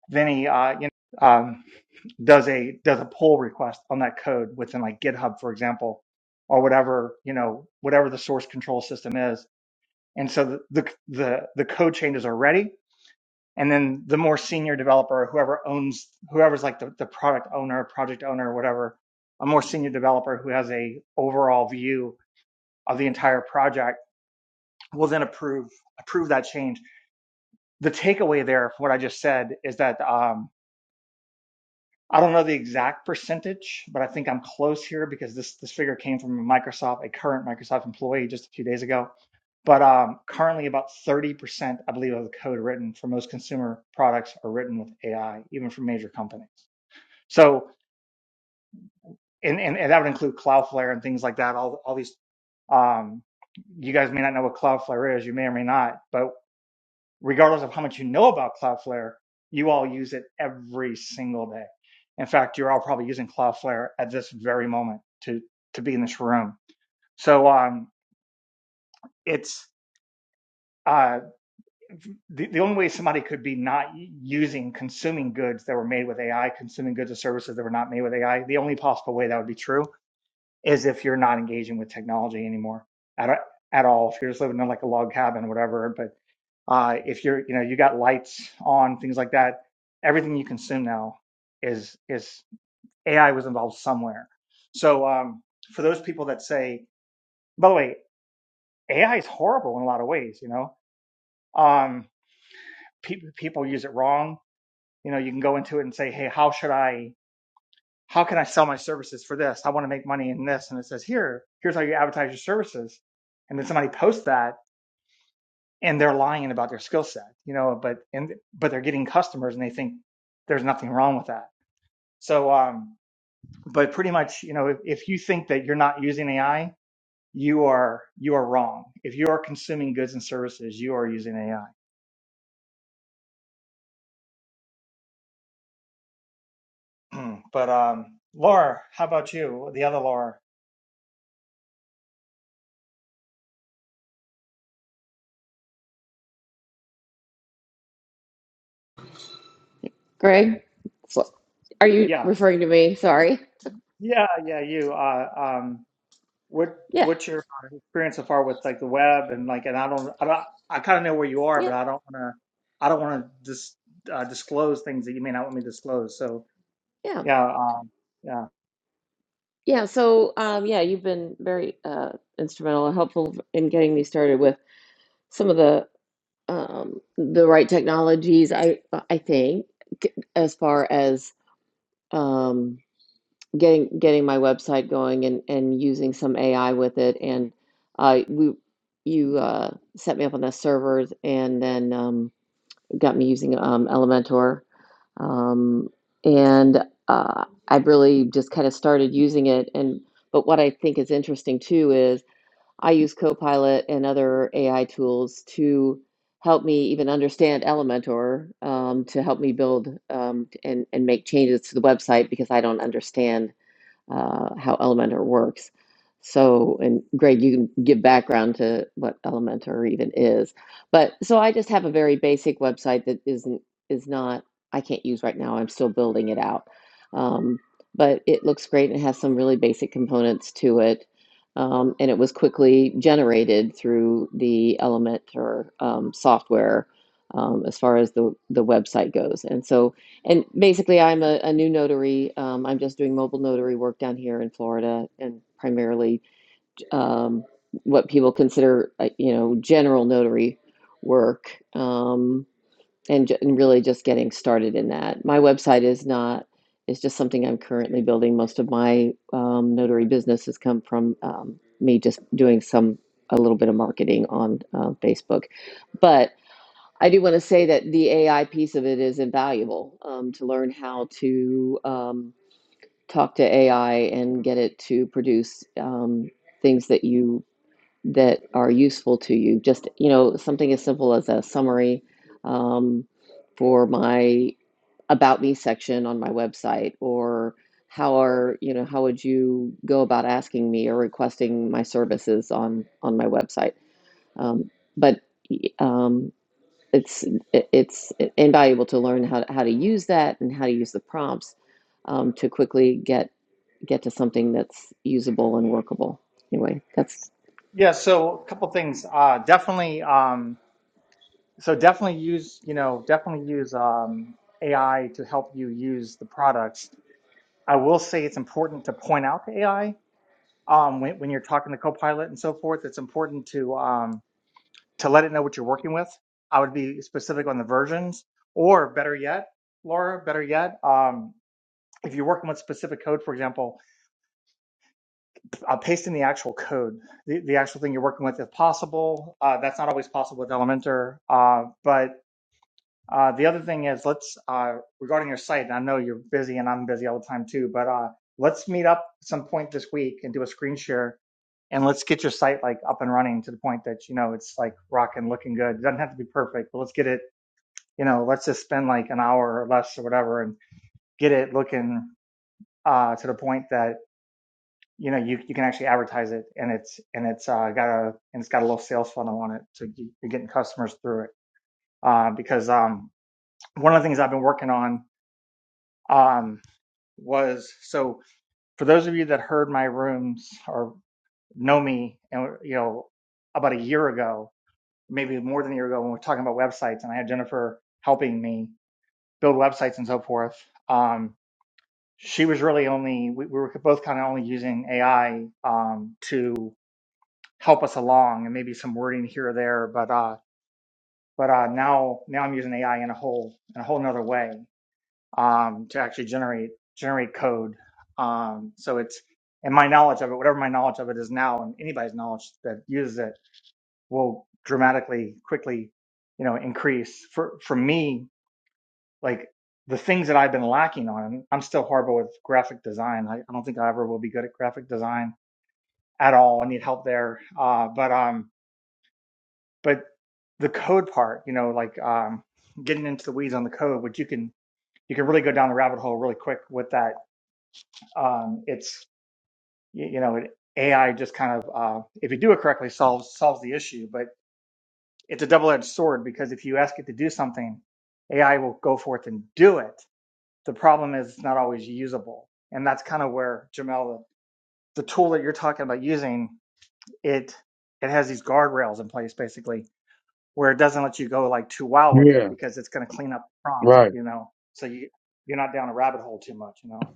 Speaker 1: Vinny, uh, you know, um, does a does a pull request on that code within like GitHub, for example, or whatever you know whatever the source control system is, and so the the the, the code changes are ready, and then the more senior developer, whoever owns whoever's like the, the product owner, project owner, whatever, a more senior developer who has a overall view of the entire project will then approve approve that change. The takeaway there, from what I just said, is that um, I don't know the exact percentage, but I think I'm close here because this this figure came from Microsoft, a current Microsoft employee just a few days ago. But um, currently, about 30%, I believe, of the code written for most consumer products are written with AI, even from major companies. So, and, and, and that would include Cloudflare and things like that. All all these, um, you guys may not know what Cloudflare is, you may or may not, but regardless of how much you know about Cloudflare, you all use it every single day. In fact, you're all probably using Cloudflare at this very moment to to be in this room. So um, it's uh, the the only way somebody could be not using consuming goods that were made with AI, consuming goods or services that were not made with AI. The only possible way that would be true is if you're not engaging with technology anymore at at all. If you're just living in like a log cabin, whatever, But Uh, if you're, you know, you got lights on, things like that, everything you consume now is is AI was involved somewhere. So um, for those people that say, by the way, AI is horrible in a lot of ways. You know, um, pe- people use it wrong. You know, you can go into it and say, hey, how should I? How can I sell my services for this? I want to make money in this, and it says here, here's how you advertise your services, and then somebody posts that and they're lying about their skill set, you know, but and but they're getting customers and they think there's nothing wrong with that. So um but pretty much, you know, if, if you think that you're not using AI, you are you are wrong. If you are consuming goods and services, you are using AI. [CLEARS THROAT] but um Laura, how about you? The other Laura.
Speaker 3: Greg, so- are you
Speaker 1: Yeah.
Speaker 3: referring to me? Sorry.
Speaker 1: Yeah, yeah, you. Uh, um What
Speaker 3: Yeah,
Speaker 1: what's your uh, experience so far with like the web and like and I don't I don't I kind of know where you are,
Speaker 3: yeah,
Speaker 1: but I don't want to I don't want to dis, uh, disclose things that you may not want me to disclose. So
Speaker 3: yeah,
Speaker 1: yeah, um, yeah,
Speaker 3: yeah. So, um, yeah, you've been very uh, instrumental and helpful in getting me started with some of the um, the right technologies. I I think as far as. um, getting getting my website going and and using some AI with it. And uh, we you uh, set me up on the servers and then um, got me using um, Elementor. Um, and uh, I really just kind of started using it. And but what I think is interesting too is I use Copilot and other AI tools to help me even understand Elementor um, to help me build um, and and make changes to the website because I don't understand uh, how Elementor works. So, and Greg, you can give background to what Elementor even is. But so I just have a very basic website that isn't is not I can't use right now. I'm still building it out, um, but it looks great and it has some really basic components to it. Um, and it was quickly generated through the Elementor um, software um, as far as the the website goes. And so and basically, I'm a, a new notary. Um, I'm just doing mobile notary work down here in Florida and primarily um, what people consider, uh, you know, general notary work um, and, ju- and really just getting started in that. My website is not, is just something I'm currently building. Most of my um, notary business has come from um, me just doing some, a little bit of marketing on uh, Facebook. But I do want to say that the AI piece of it is invaluable um, to learn how to um, talk to AI and get it to produce um, things that you that are useful to you. Just you know, something as simple as a summary um, for my about me section on my website, or how are you know how would you go about asking me or requesting my services on on my website? Um, but um, it's it's invaluable to learn how to, how to use that and how to use the prompts um, to quickly get get to something that's usable and workable. Anyway, that's
Speaker 1: yeah. So a couple things. Uh, definitely. Um, so definitely use you know definitely use um, AI to help you use the products. I will say it's important to point out to AI um, when when you're talking to Copilot and so forth. It's important to um, to let it know what you're working with. I would be specific on the versions, or better yet, Laura, better yet, um, if you're working with specific code, for example, uh, paste in the actual code, the, the actual thing you're working with if possible. Uh, that's not always possible with Elementor. Uh, but uh, the other thing is, let's, uh, regarding your site, and I know you're busy and I'm busy all the time too, but uh, let's meet up some point this week and do a screen share and let's get your site like up and running to the point that you know it's like rocking looking good it doesn't have to be perfect but let's get it you know, let's just spend like an hour or less or whatever and get it looking uh, to the point that you know you, you can actually advertise it and it's and it's uh, got a and it's got a little sales funnel on it, so you- are getting customers through it. Uh, because um, one of the things I've been working on um, was so for those of you that heard my rooms or know me and you know about a year ago, maybe more than a year ago when we were talking about websites and I had Jennifer helping me build websites and so forth. Um, she was really only we, we were both kind of only using AI um, to help us along and maybe some wording here or there, but uh, but uh, now now I'm using AI in a whole in a whole another way um, to actually generate generate code. Um, so it's and my knowledge of it, whatever my knowledge of it is now, and anybody's knowledge that uses it will dramatically quickly, you know, increase. For for me, like the things that I've been lacking on. and I'm still horrible with graphic design. I, I don't think I ever will be good at graphic design at all. I need help there. Uh, but um, but the code part, you know, like um, getting into the weeds on the code, which you can you can really go down the rabbit hole really quick with that. Um, it's y- you know, it, AI just kind of uh, if you do it correctly solves solves the issue, but it's a double edged sword because if you ask it to do something, AI will go forth and do it The problem is it's not always usable. And that's kind of where Jamel, the, tool that you're talking about using, it it has these guardrails in place basically where it doesn't let you go like too wild with it
Speaker 5: yeah,
Speaker 1: because it's going to clean up the prompt,
Speaker 5: right.
Speaker 1: you know. So you you're not down a rabbit hole too much, you know.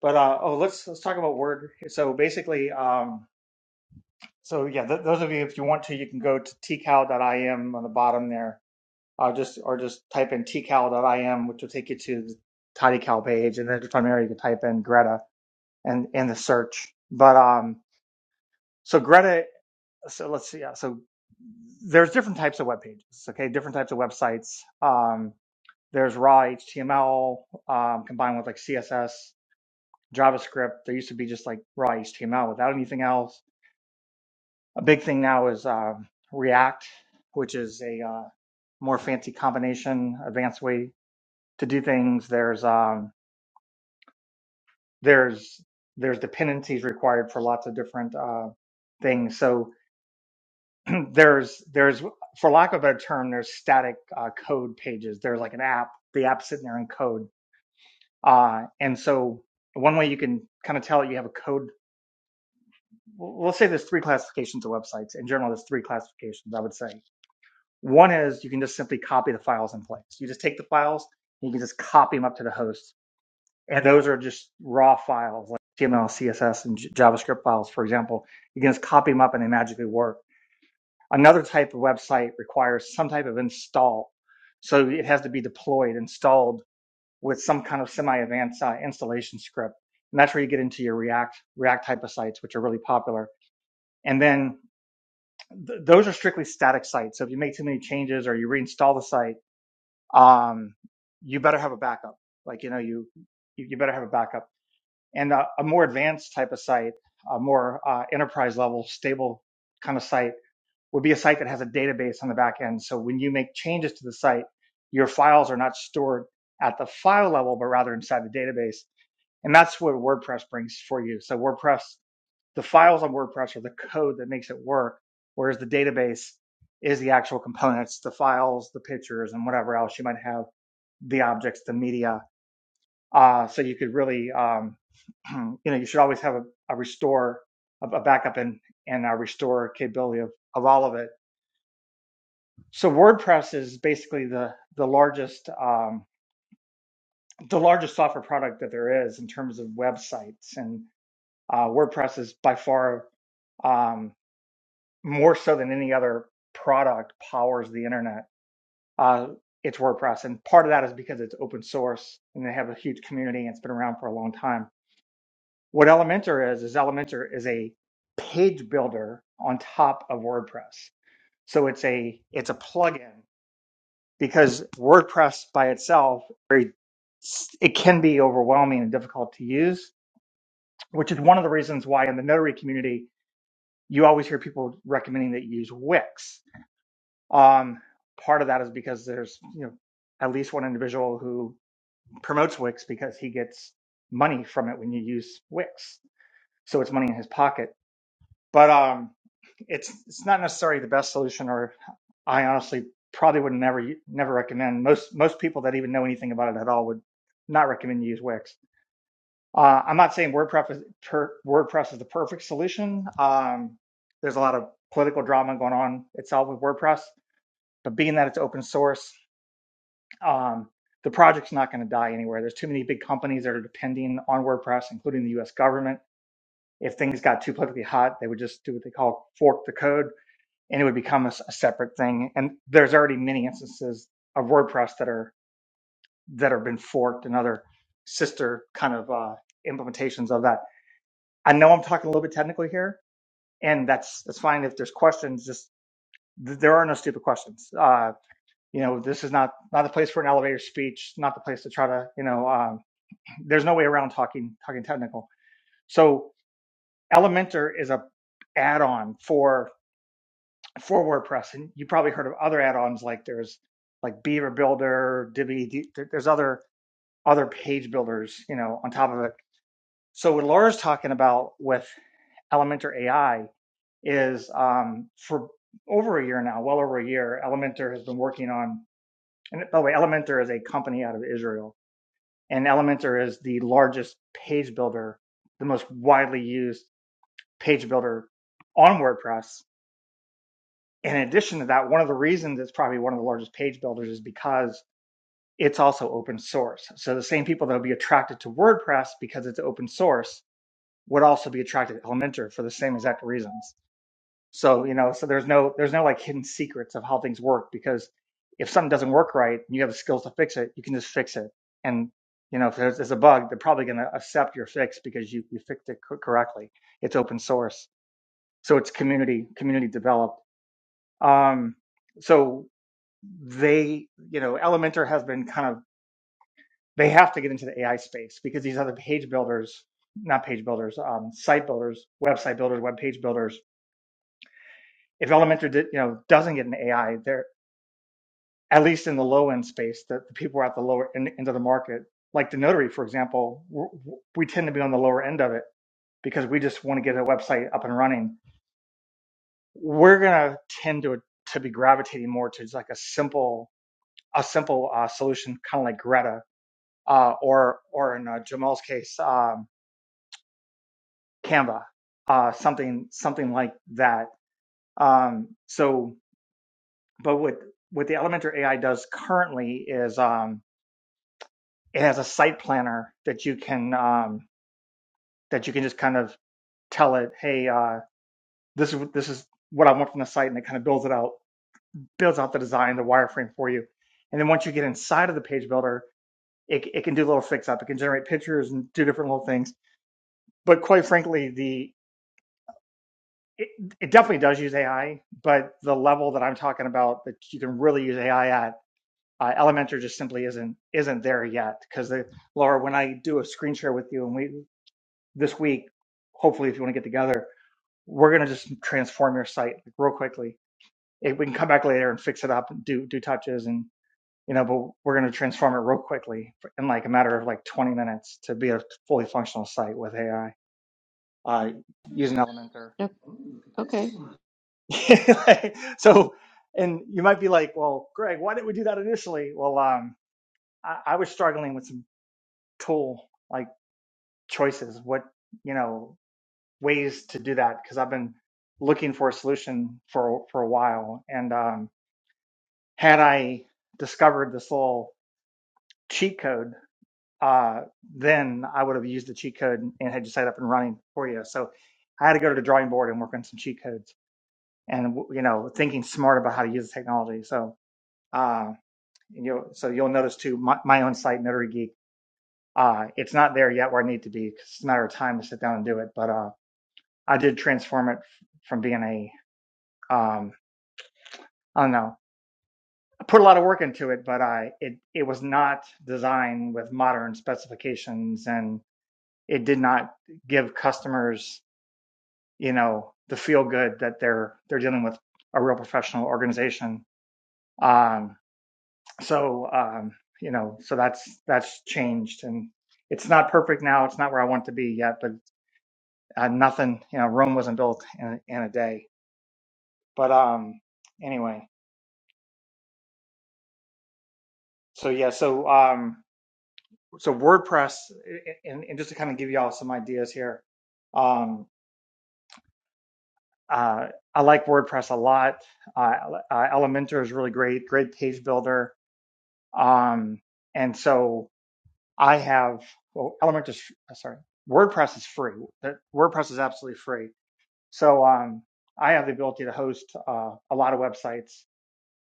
Speaker 1: But uh, oh, let's let's talk about Word. So basically, um, so yeah, th- those of you if you want to, you can go to tcal.im on the bottom there. I'll just or just type in tcal.im, which will take you to the TidyCal page, and then from there you can type in Greta and in the search. But um, so Greta, so let's see. Yeah, so there's different types of web pages. Okay, different types of websites. Um, there's raw HTML um, combined with like CSS, JavaScript. There used to be just like raw HTML without anything else. A big thing now is um, React, which is a uh, more fancy combination, advanced way to do things. There's um, there's there's dependencies required for lots of different uh, things. So [CLEARS THROAT] there's there's for lack of a better term there's static uh, code pages there's like an app the app's sitting there in code uh, and so one way you can kind of tell you have a code well, let's say there's three classifications of websites in general there's three classifications i would say one is you can just simply copy the files in place you just take the files and you can just copy them up to the host and those are just raw files like html css and J- javascript files for example you can just copy them up and they magically work Another type of website requires some type of install. So it has to be deployed, installed with some kind of semi-advanced uh, installation script. And that's where you get into your React, React type of sites, which are really popular. And then th- those are strictly static sites. So if you make too many changes or you reinstall the site, um, you better have a backup. Like, you know, you, you better have a backup. And uh, a more advanced type of site, a more uh, enterprise level, stable kind of site would be a site that has a database on the back end. So when you make changes to the site, your files are not stored at the file level, but rather inside the database. And that's what WordPress brings for you. So WordPress, the files on WordPress are the code that makes it work, whereas the database is the actual components, the files, the pictures, and whatever else you might have, the objects, the media. Uh, so you could really, um, [CLEARS THROAT] you know, you should always have a, a restore, a, a backup and, and a restore capability of, of all of it so WordPress is basically the the largest um, the largest software product that there is in terms of websites, and uh, WordPress is by far um, more so than any other product powers the internet. Uh, it's WordPress, and part of that is because it's open source and they have a huge community and it's been around for a long time. What Elementor is is Elementor is a page builder on top of WordPress, so it's a it's a plugin because WordPress by itself, very, it can be overwhelming and difficult to use, which is one of the reasons why in the notary community, you always hear people recommending that you use Wix. Um, part of that is because there's, you know, at least one individual who promotes Wix because he gets money from it when you use Wix. So it's money in his pocket But um, it's it's not necessarily the best solution, or I honestly probably would never never recommend. Most most people that even know anything about it at all would not recommend you use Wix. Uh, I'm not saying WordPress is, per, WordPress is the perfect solution. Um, there's a lot of political drama going on itself with WordPress, but being that it's open source, um, the project's not going to die anywhere. There's too many big companies that are depending on WordPress, including the U.S. government. If things got too politically hot, they would just do what they call fork the code and it would become a a separate thing. And there's already many instances of WordPress that are that have been forked and other sister kind of uh, implementations of that. I know I'm talking a little bit technically here, and that's that's fine. If there's questions, just th- there are no stupid questions. Uh, you know, this is not not the place for an elevator speech, not the place to try to you know. Um, [CLEARS THROAT] there's no way around talking talking technical. So Elementor is a add-on for for WordPress. And you probably heard of other add-ons like there's like Beaver Builder, Divi. There's other other page builders, you know, on top of it. So what Laura's talking about with Elementor AI is um, for over a year now, well over a year, Elementor has been working on. And by the way, Elementor is a company out of Israel, and Elementor is the largest page builder, the most widely used page builder on WordPress. in addition to that, one of the reasons it's probably one of the largest page builders is because it's also open source. So the same people that will be attracted to WordPress because it's open source would also be attracted to Elementor for the same exact reasons. So you know, so there's no there's no like hidden secrets of how things work because if something doesn't work right and you have the skills to fix it, you can just fix it. And you know, if there's, there's a bug, they're probably going to accept your fix because you you fixed it co- correctly. It's open source, so it's community community developed. Um, so they, you know, Elementor has been kind of, they have to get into the AI space because these other page builders, not page builders, um, site builders, website builders, web page builders, if Elementor, did, you know, doesn't get an AI, they're at least in the low end space, the, the people are at the lower end, end of the market, like the notary, for example, w- w- we tend to be on the lower end of it because we just want to get a website up and running. We're going to tend to, to be gravitating more to just like a simple, a simple uh, solution, kind of like Greta, uh, or or in uh, Jamal's case, um, Canva, uh, something something like that. Um, so, but what what the Elementor AI does currently is um, it has a site planner that you can um, that you can just kind of tell it, hey, uh, this is this is what I want from the site, and it kind of builds it out, builds out the design, the wireframe for you. And then once you get inside of the page builder, it, it can do a little fix up. It can generate pictures and do different little things. But quite frankly, the it, it definitely does use AI, but the level that I'm talking about that you can really use AI at, uh, Elementor just simply isn't isn't there yet. Because Laura, when I do a screen share with you and we this week, hopefully if you want to get together, we're gonna just transform your site real quickly. It, we can come back later and fix it up and do do touches and you know, but we're gonna transform it real quickly in like a matter of like 20 minutes to be a fully functional site with AI uh, using Elementor.
Speaker 3: Okay.
Speaker 1: [LAUGHS] so, and you might be like, well, Greg, why didn't we do that initially? Well, um, I, I was struggling with some tool like choices, what, you know, ways to do that because I've been looking for a solution for, for a while. And um, had I discovered this little cheat code, uh, then I would have used the cheat code and had you set up and running for you. So I had to go to the drawing board and work on some cheat codes and, you know, thinking smart about how to use the technology. So, um, And you'll, so you'll notice too, my, my own site, Notary Geek, uh, it's not there yet where I need to be 'cause it's a matter of time to sit down and do it. But uh, I did transform it from being a, um, I don't know, I put a lot of work into it, but I it it was not designed with modern specifications, and it did not give customers, you know, the feel good that they're they're dealing with a real professional organization. Um, so um, you know so that's that's changed and it's not perfect now it's not where i want it to be yet but uh, nothing you know rome wasn't built in, in a day but um anyway so yeah so um so wordpress i- and, and just to kind of give you all some ideas here um uh, I like WordPress a lot. Uh, uh, Elementor is really great, great page builder. Um, and so I have well, Elementor. is- uh, Sorry, WordPress is free. WordPress is absolutely free. So um, I have the ability to host uh, a lot of websites,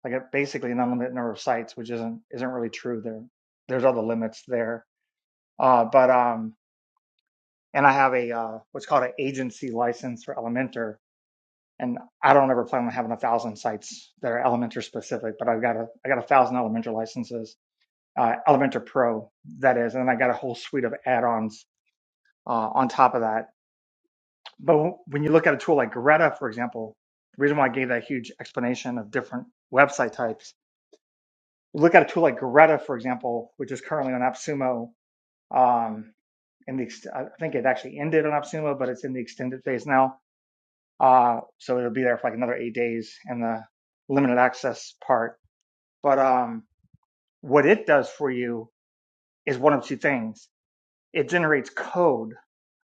Speaker 1: like basically an unlimited number of sites, which isn't isn't really true. There, there's other limits there. Uh, but um, and I have a uh, what's called an agency license for Elementor, and I don't ever plan on having a thousand sites that are Elementor specific. But I've got a I got a thousand Elementor licenses, uh, Elementor Pro that is, and then I got a whole suite of add-ons uh, on top of that. But w- when you look at a tool like Greta, for example, the reason why I gave that huge explanation of different website types, you look at a tool like Greta, for example, which is currently on AppSumo. Um, in the ex- I think it actually ended on AppSumo, but it's in the extended phase now. Uh, so it'll be there for like another eight days in the limited access part. But um, what it does for you is one of two things. It generates code.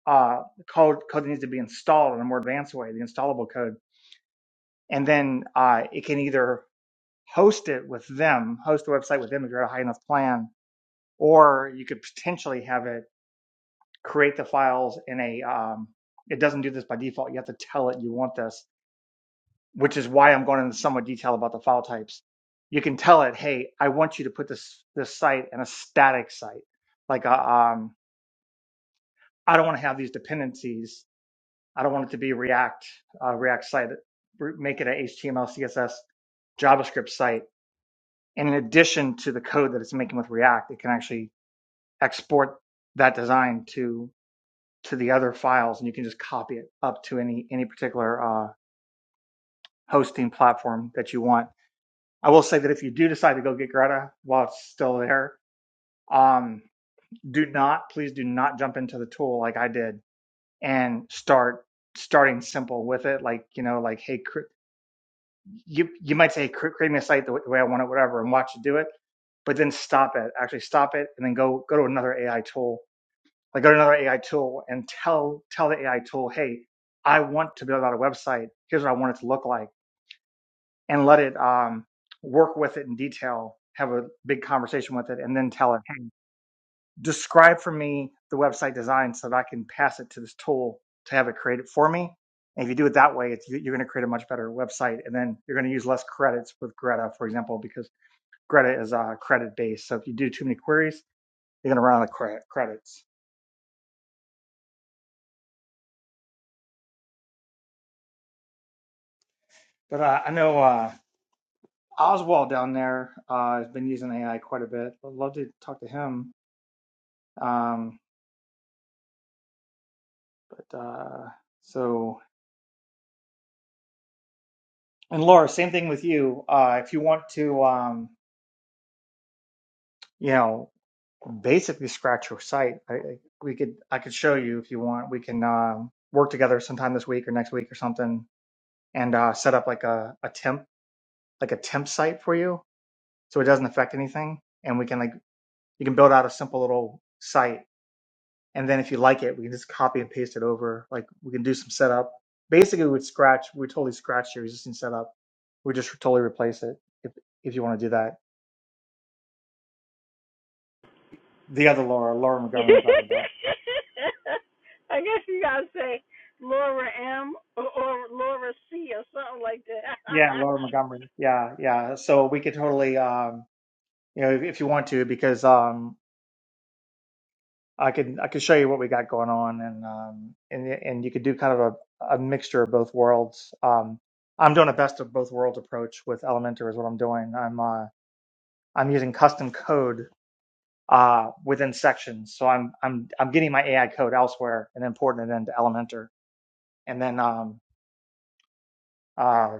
Speaker 1: Uh, code code that needs to be installed in a more advanced way, the installable code and then uh, it can either host it with them, host the website with them if you're at a high enough plan, or you could potentially have it create the files in a. Um, it doesn't do this by default. You have to tell it you want this, which is why I'm going into somewhat detail about the file types. You can tell it, hey, I want you to put this this site in a static site, like a, um, I don't want to have these dependencies. I don't want it to be React uh, React site. Make it a HTML, CSS, JavaScript site And in addition to the code that it's making with React, it can actually export that design to to the other files, and you can just copy it up to any any particular uh, hosting platform that you want. I will say that if you do decide to go get Greta while it's still there, um, do not, please do not jump into the tool like I did and start starting simple with it. Like you know, like hey, cr- you you might say "Cre- creating a site the way I want it, whatever, and watch it do it, but then stop it. Actually, stop it, and then go go to another AI tool. Like go to another AI tool and tell tell the AI tool, hey, I want to build out a website. Here's what I want it to look like, and let it um, work with it in detail. Have a big conversation with it, and then tell it, hey describe for me the website design so that I can pass it to this tool to have it create it for me. And if you do it that way, it's, you- are going to create a much better website. And then you're going to use less credits with Greta, for example, because Greta is uh, credit based. So if you do too many queries, you're going to run out of credits. But uh, I know uh, Oswald down there uh, has been using AI quite a bit. I'd love to talk to him. Um, but, uh, so, and Laura, same thing with you. Uh, if you want to, um, you know, basically scratch your site. I, we could I could show you if you want. We can uh, work together sometime this week or next week or something, and uh, set up like a, a temp like a temp site for you, so it doesn't affect anything, and we can like you can build out a simple little site, and then if you like it, we can just copy and paste it over. Like we can do some setup. Basically, we'd scratch we totally scratch your existing setup. We just totally replace it if if you want to do that. The other Laura, Laura
Speaker 2: [LAUGHS]
Speaker 1: Montgomery, I'm talking about.
Speaker 2: I guess you gotta say Laura M or, or Laura C or something like that.
Speaker 1: Yeah, Laura Montgomery. Yeah, yeah. So we could totally, um, you know, if, if you want to, because um, I can I can show you what we got going on, and um, and and you could do kind of a, a mixture of both worlds. Um, I'm doing a best of both worlds approach with Elementor is what I'm doing. I'm uh, I'm using custom code uh, within sections, so I'm I'm I'm getting my AI code elsewhere and then porting it into Elementor, and then um, uh,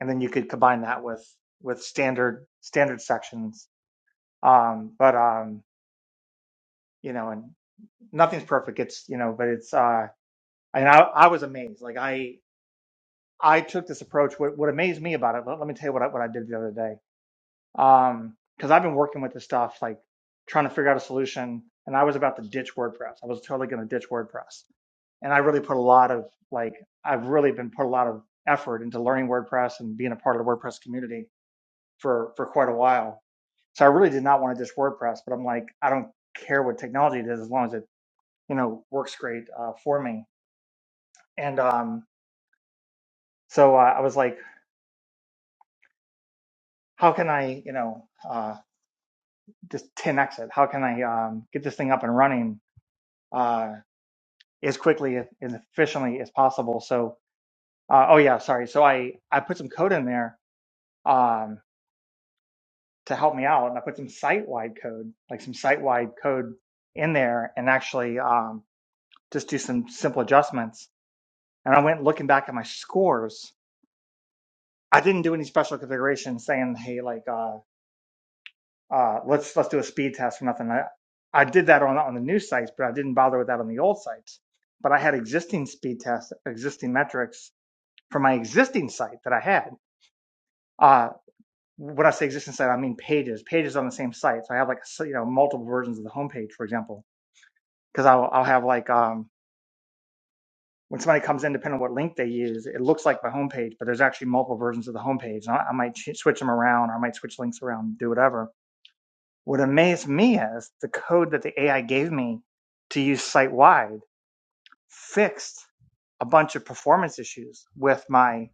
Speaker 1: and then you could combine that with with standard standard sections um but um you know and nothing's perfect it's you know but it's uh and i i was amazed like i i took this approach what what amazed me about it let, let me tell you what I, what I did the other day um because i've been working with this stuff like trying to figure out a solution and i was about to ditch wordpress i was totally going to ditch wordpress and i really put a lot of like i've really been put a lot of effort into learning wordpress and being a part of the wordpress community for for quite a while so i really did not want to ditch wordpress but i'm like i don't care what technology it is as long as it you know, works great uh, for me. And um, so uh, I was like, how can I, you know, uh, just 10x it? How can I um, get this thing up and running uh, as quickly and efficiently as possible? So, uh, oh yeah, sorry. So I I put some code in there um, to help me out, and I put some site wide code, like some site wide code in there, and actually um, just do some simple adjustments. And I went looking back at my scores. I didn't do any special configuration saying, hey, like. uh, uh, let's let's do a speed test or nothing. I, I did that on on the new sites, but I didn't bother with that on the old sites. But I had existing speed tests, existing metrics for my existing site that I had. Uh, when I say existing site, I mean pages, pages on the same site. So I have like so, you know multiple versions of the homepage, for example, because I'll I'll have like um, when somebody comes in, depending on what link they use, it looks like my homepage, but there's actually multiple versions of the homepage. And I, I might ch- switch them around, or I might switch links around, do whatever What amazed me is the code that the AI gave me to use site wide fixed a bunch of performance issues with my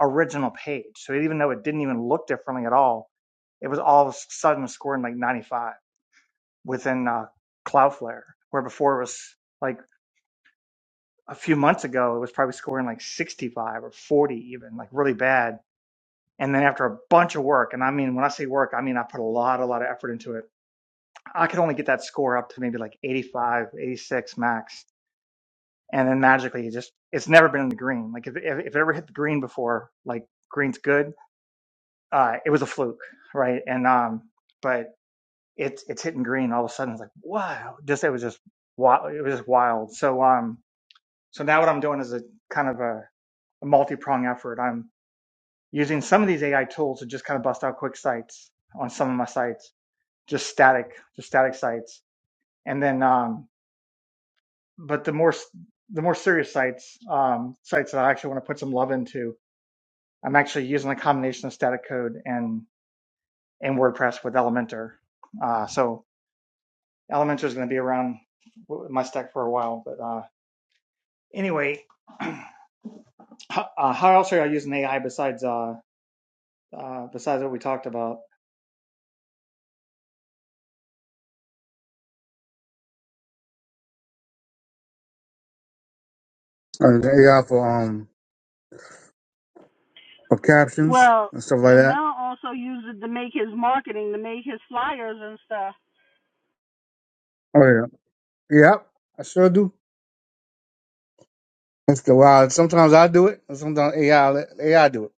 Speaker 1: original page. So even though it didn't even look differently at all, it was all of a sudden scoring like 95 within uh, Cloudflare, where before it was like a few months ago, it was probably scoring like 65 or 40 even, like really bad. And then after a bunch of work, and I mean, when I say work, I mean, I put a lot, a lot of effort into it I could only get that score up to maybe like 85, 86 max. And then magically, it just, it's never been in the green. Like if, if, if it ever hit the green before, like green's good, uh, it was a fluke. Right. And, um, but it's, it's hitting green all of a sudden. It's like, wow, just, it was just wild. It was just wild. So, um, so now what I'm doing is a kind of a, a multi-pronged effort. I'm using some of these AI tools to just kind of bust out quick sites on some of my sites, just static, just static sites. And then, um, but the more the more serious sites um, sites that I actually want to put some love into, I'm actually using a combination of static code and and WordPress with Elementor. Uh, so Elementor is going to be around my stack for a while. But uh, anyway, [CLEARS THROAT] how, uh, how else are I using AI besides uh, uh, besides what we talked about?
Speaker 5: And the AI for um for
Speaker 2: [LAUGHS]
Speaker 5: captions
Speaker 2: well,
Speaker 5: and stuff like that.
Speaker 2: Jamel also used it to make his marketing, to make his flyers and stuff.
Speaker 5: Oh yeah, yep. I sure do. It's the wild. Sometimes I do it, and sometimes AI let- AI do it.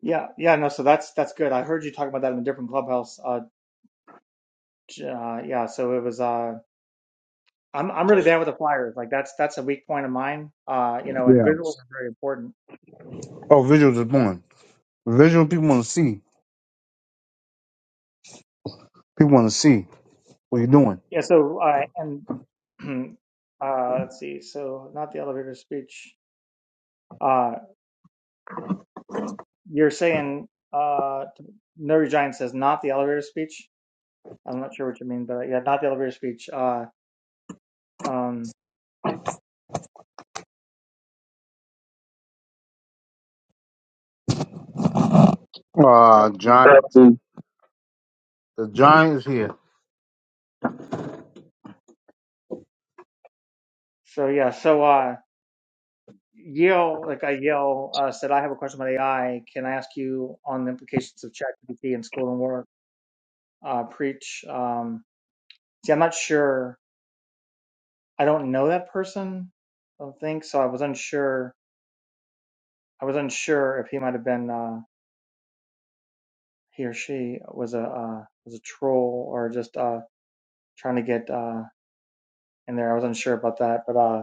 Speaker 1: Yeah, yeah, no. So that's that's good. I heard you talk about that in a different clubhouse. Uh, j- uh, yeah, so it was. Uh, I'm I'm really bad with the flyers. Like that's that's a weak point of mine. Uh, you know, and
Speaker 5: Yeah.
Speaker 1: visuals are very important.
Speaker 5: Oh, visuals is born. Visual people want to see. People want to see. What you doing?
Speaker 1: Yeah, so uh, and [CLEARS THROAT] uh, let's see. So not the elevator speech. Uh, you're saying uh, to- Nerdy Giant says not the elevator speech. I'm not sure what you mean, but yeah, not the elevator speech. Uh, um, so,
Speaker 5: Uh, Giants. The Giants here.
Speaker 1: so yeah, so uh, Yale, like I Yale uh, said, I have a question about AI. Can I ask you on the implications of ChatGPT in school and work? Uh, preach. Um, see, I'm not sure. I don't know that person. I don't think so. I was unsure I was unsure if he might have been uh, he or she was a uh, was a troll or just uh, trying to get uh, in there. I was unsure about that, but uh,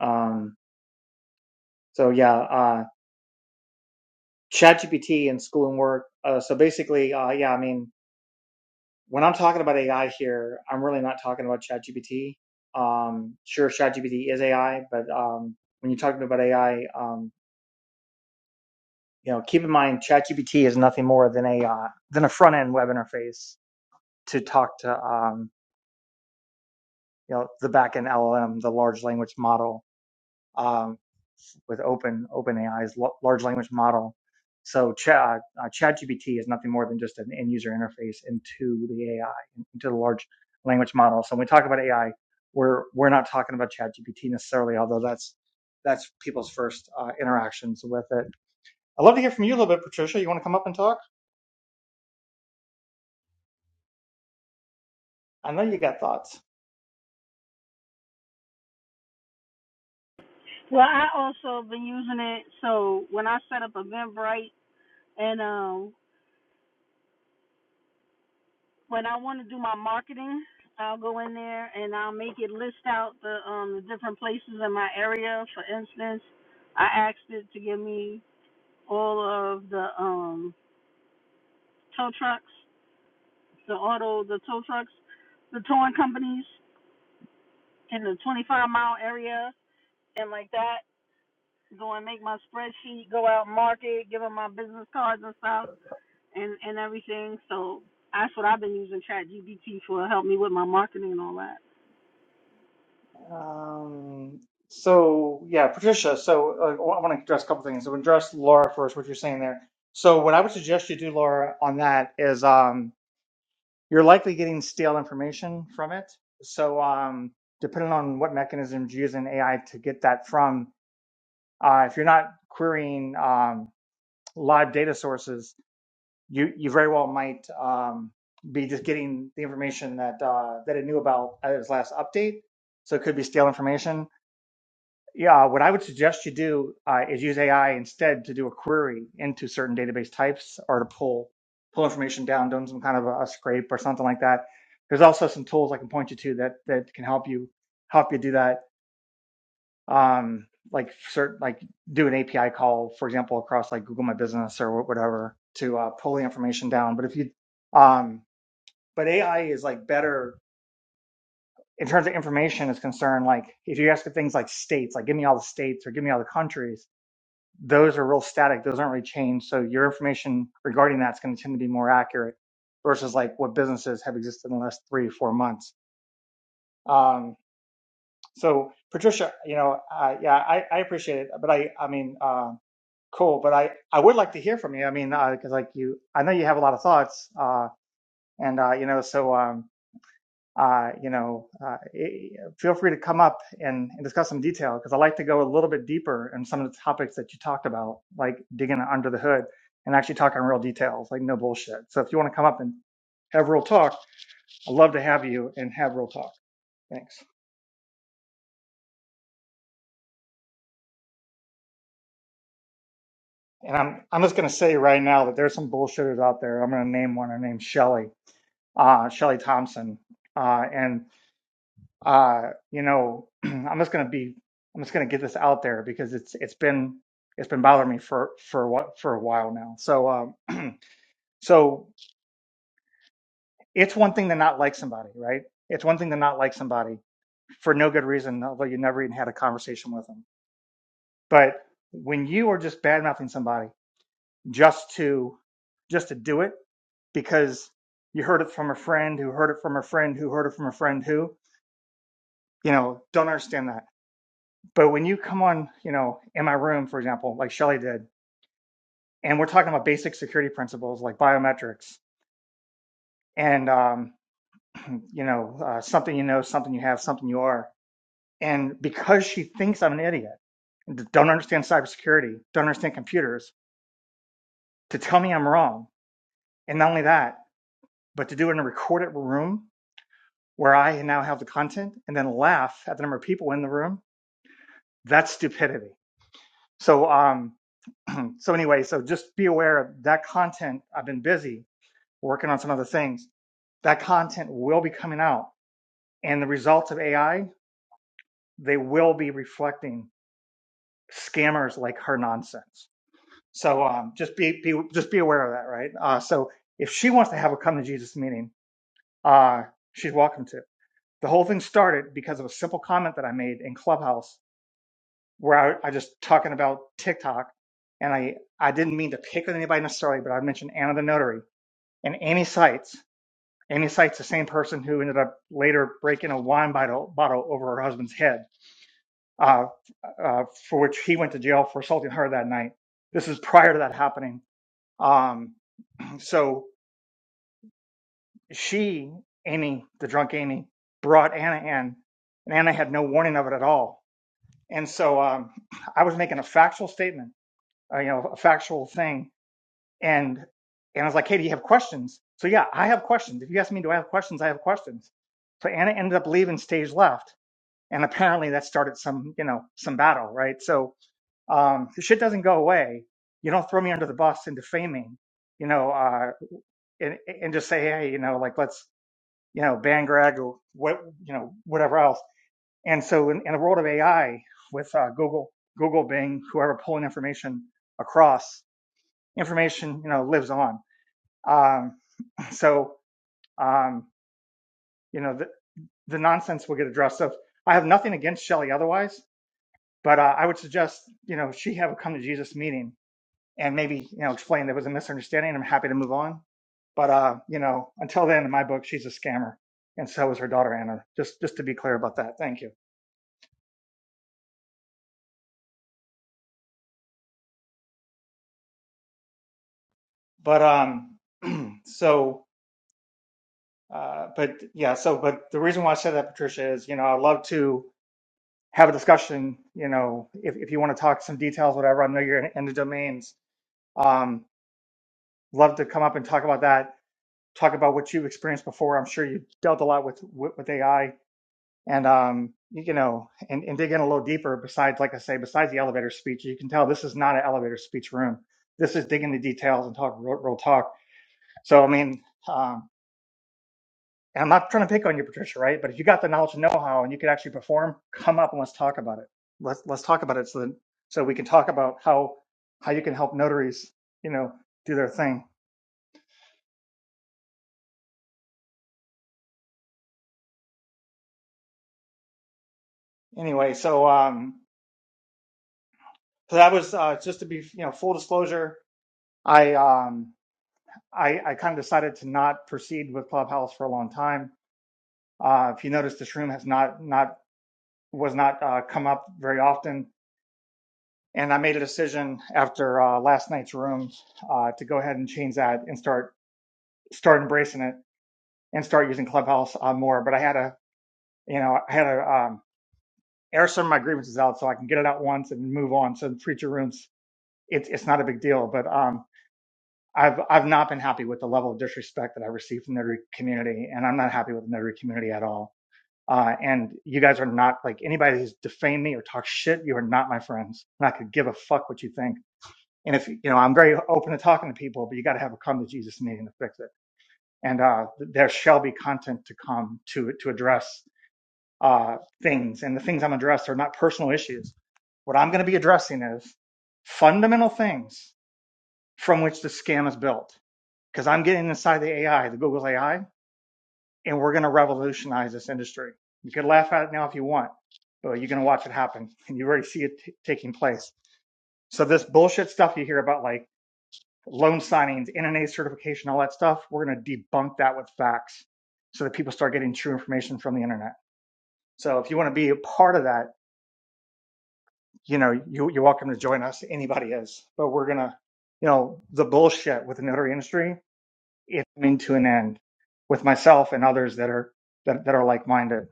Speaker 1: um, so yeah, uh, ChatGPT and school and work. Uh, so basically, uh, yeah, I mean, when I'm talking about AI here, I'm really not talking about ChatGPT. Um, sure, ChatGPT is AI, but um, when you're talking about AI, um, you know, keep in mind ChatGPT is nothing more than a uh, than a front end web interface to talk to. Um, you know the backend LLM, the large language model um, with Open OpenAI's large language model. So Ch- uh, uh, ChatGPT is nothing more than just an end user interface into the AI, into the large language model. So when we talk about AI, we're we're not talking about ChatGPT necessarily, although that's that's people's first uh, interactions with it. I'd love to hear from you a little bit, Patricia. You want to come up and talk? I know you got thoughts.
Speaker 2: Well, I also have been using it. So when I set up Eventbrite and um, when I want to do my marketing, I'll go in there and I'll make it list out the um, the different places in my area. For instance, I asked it to give me all of the um, tow trucks, the auto, the tow trucks, the towing companies in the 25 mile area and like that. Go and make my spreadsheet, go out market, give them my business cards and stuff and and everything. So that's what I've been using Chat GBT for. Help me with my marketing and all that.
Speaker 1: Um, so yeah, Patricia. So uh, I want to address a couple things. So address Laura first. What you're saying there. So what I would suggest you do, Laura, on that is um, you're likely getting stale information from it. So um, depending on what mechanisms you use in AI to get that from, uh, if you're not querying um, live data sources, you you very well might um, be just getting the information that uh, that it knew about at its last update. So it could be stale information Yeah, what I would suggest you do uh, is use AI instead to do a query into certain database types or to pull pull information down, doing some kind of a, a scrape or something like that. There's also some tools I can point you to that that can help you help you do that. Um, like certain like do an API call, for example, across like Google My Business or wh- whatever to uh, pull the information down. But if you um, but AI is like better in terms of information is concerned. Like if you ask for things like states, like give me all the states or give me all the countries those are real static. Those aren't really changed. So your information regarding that's going to tend to be more accurate versus like what businesses have existed in the last three or four months. Um, so Patricia, you know, uh, yeah, I, I appreciate it, but I, I mean, uh, cool, but I, I would like to hear from you. I mean, uh 'cause cause like you, I know you have a lot of thoughts, uh, and, uh, you know, so, um, uh, you know, uh, feel free to come up and, and discuss some detail because I like to go a little bit deeper in some of the topics that you talked about, like digging under the hood and actually talking real details, like no bullshit. So if you want to come up and have real talk, I'd love to have you and have real talk. Thanks. And I'm I'm just gonna say right now that there's some bullshitters out there. I'm gonna name one. Her name's Shelly, uh, Shelly Thompson, uh, and Uh, you know, [CLEARS THROAT] I'm just gonna be, I'm just gonna get this out there because it's it's been it's been bothering me for for what for a while now. So um, so it's one thing to not like somebody, right? It's one thing to not like somebody for no good reason, although you never even had a conversation with them. But when you are just bad mouthing somebody just to just to do it because you heard it from a friend who heard it from a friend who heard it from a friend who, you know, don't understand that But when you come on, you know, in my room, for example, like Shelly did, and we're talking about basic security principles like biometrics and, um, [CLEARS THROAT] you know, uh, something you know, something you have, something you are. And because she thinks I'm an idiot, don't understand cybersecurity, don't understand computers, to tell me I'm wrong. And not only that, but to do it in a recorded room where I now have the content and then laugh at the number of people in the room, that's stupidity. So, um, [CLEARS THROAT] so anyway, so just be aware of that content. I've been busy We're working on some other things. That content will be coming out, and the results of AI they will be reflecting scammers like her nonsense. So um, just be, be just be aware of that, right? Uh, so if she wants to have a come to Jesus meeting, uh, she's welcome to. The whole thing started because of a simple comment that I made in Clubhouse where I, I just talking about TikTok, and I I didn't mean to pick on anybody necessarily, but I mentioned Anna the Notary and Amy Seitz And he cites the same person who ended up later breaking a wine bottle, bottle over her husband's head, uh, uh, for which he went to jail for assaulting her that night. This is prior to that happening. Um, so she, Amy, the drunk Amy, brought Anna in, and Anna had no warning of it at all. And so um, I was making a factual statement, uh, you know, a factual thing, and and I was like, hey, do you have questions? So yeah, I have questions. If you ask me, do I have questions? I have questions. So Anna ended up leaving stage left. and apparently that started some you know some battle right so um the shit doesn't go away you don't throw me under the bus and defaming you know uh and and just say hey you know like let's you know ban greg or what you know whatever else and so in, in the world of ai with uh, google google bing whoever pulling information across information you know lives on um so um you know the the nonsense will get addressed so i have nothing against Shelley otherwise But uh, I would suggest, you know, she have a come to Jesus meeting and maybe, you know, explain there was a misunderstanding. I'm happy to move on. But, uh, you know, until then, in my book, she's a scammer. And so is her daughter, Anna, just, just to be clear about that. Thank you. But, um, [CLEARS THROAT] so, uh, but yeah, so, but the reason why I said that, Patricia, is, you know, I'd love to have a discussion, you know, if, if you want to talk some details, whatever, I know you're in, in the domains. Um, love to come up and talk about that talk about what you've experienced before. I'm sure you've dealt a lot with with, with AI, and um, you know, and, and dig in a little deeper. Besides, like I say, besides the elevator speech, you can tell this is not an elevator speech room. This is digging the details and talk real, real talk. So, I mean, um, and I'm not trying to pick on you, Patricia, right? But if you got the knowledge and know-how and you could actually perform, come up and let's talk about it. Let's let's talk about it so that so we can talk about how how you can help notaries, you know, do their thing. Anyway, so um, So that was uh, just to be, you know, full disclosure. I um, I, I kind of decided to not proceed with Clubhouse for a long time. Uh, if you notice, this room has not not was not uh, come up very often, and I made a decision after uh, last night's room uh, to go ahead and change that and start start embracing it and start using Clubhouse uh, more. But I had a, you know, I had to um, air some of my grievances out so I can get it out once and move on. So future rooms, it's it's not a big deal, but um, I've I've not been happy with the level of disrespect that I received from the notary community, and I'm not happy with the notary community at all. Uh, and you guys are not like anybody who's defamed me or talks shit. You are not my friends, and I could give a fuck what you think. And if you know, I'm very open to talking to people, but you got to have a come to Jesus meeting to fix it. And uh, there shall be content to come to to address uh, things, and the things I'm addressing are not personal issues. What I'm going to be addressing is fundamental things from which the scam is built because I'm getting inside the AI, the Google AI, and we're going to revolutionize this industry. You could laugh at it now if you want, but you're going to watch it happen and you already see it t- taking place. So, this bullshit stuff you hear about like loan signings, NNA certification, all that stuff, we're going to debunk that with facts so that people start getting true information from the internet. So, if you want to be a part of that, you know, you, you're welcome to join us. Anybody is, but we're going to, you know, the bullshit with the notary industry it's coming to an end with myself and others that are that, that are like-minded.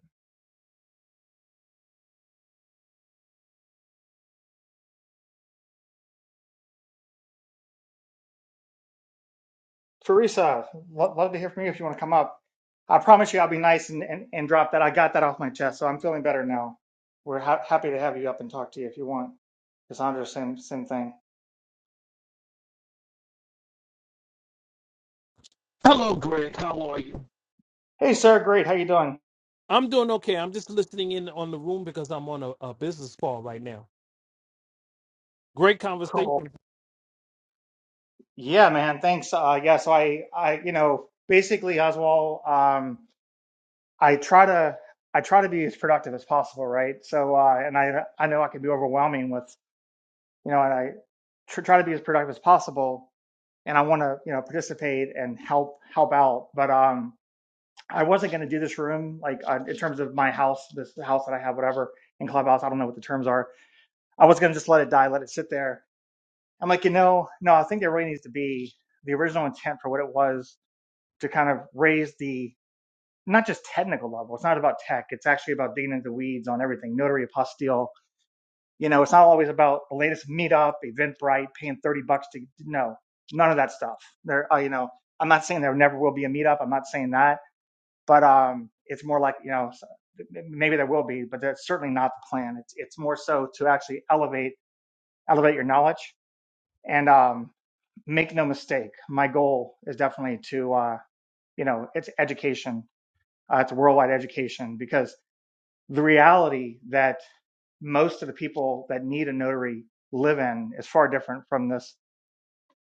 Speaker 1: Teresa, lo- love to hear from you if you want to come up. I promise you I'll be nice and, and, and drop that. I got that off my chest, so I'm feeling better now. We're ha- happy to have you up and talk to you if you want. Cassandra, same same thing.
Speaker 6: Hello, Greg. How are you?
Speaker 1: Hey, sir, great. How you doing?
Speaker 6: I'm doing okay. I'm just listening in on the room because I'm on a, a business call right now. Great
Speaker 1: Cool.
Speaker 6: conversation.
Speaker 1: Yeah, man. Thanks. Uh, yeah. So I, I, you know, basically, Oswald, um, I try to, I try to be as productive as possible, right? So, uh, and I, I know I can be overwhelming with you know, and I tr- try to be as productive as possible. And I want to, you know, participate and help help out. But um, I wasn't going to do this room like uh, in terms of my house, this house that I have, whatever in Clubhouse. I don't know what the terms are. I was going to just let it die, let it sit there. I'm like, you know, no, I think there really needs to be the original intent for what it was to kind of raise the not just technical level. It's not about tech. It's actually about digging into the weeds on everything, notary apostille, You know, it's not always about the latest meetup, Eventbrite, paying 30 bucks to, no, none of that stuff. There, uh, you know, I'm not saying there never will be a meetup. I'm not saying that, but um, it's more like, you know, maybe there will be, but that's certainly not the plan. It's, it's more so to actually elevate, elevate your knowledge and um, make no mistake. My goal is definitely to, uh, you know, it's education. Uh, it's worldwide education because the reality that most of the people that need a notary live in is far different from this,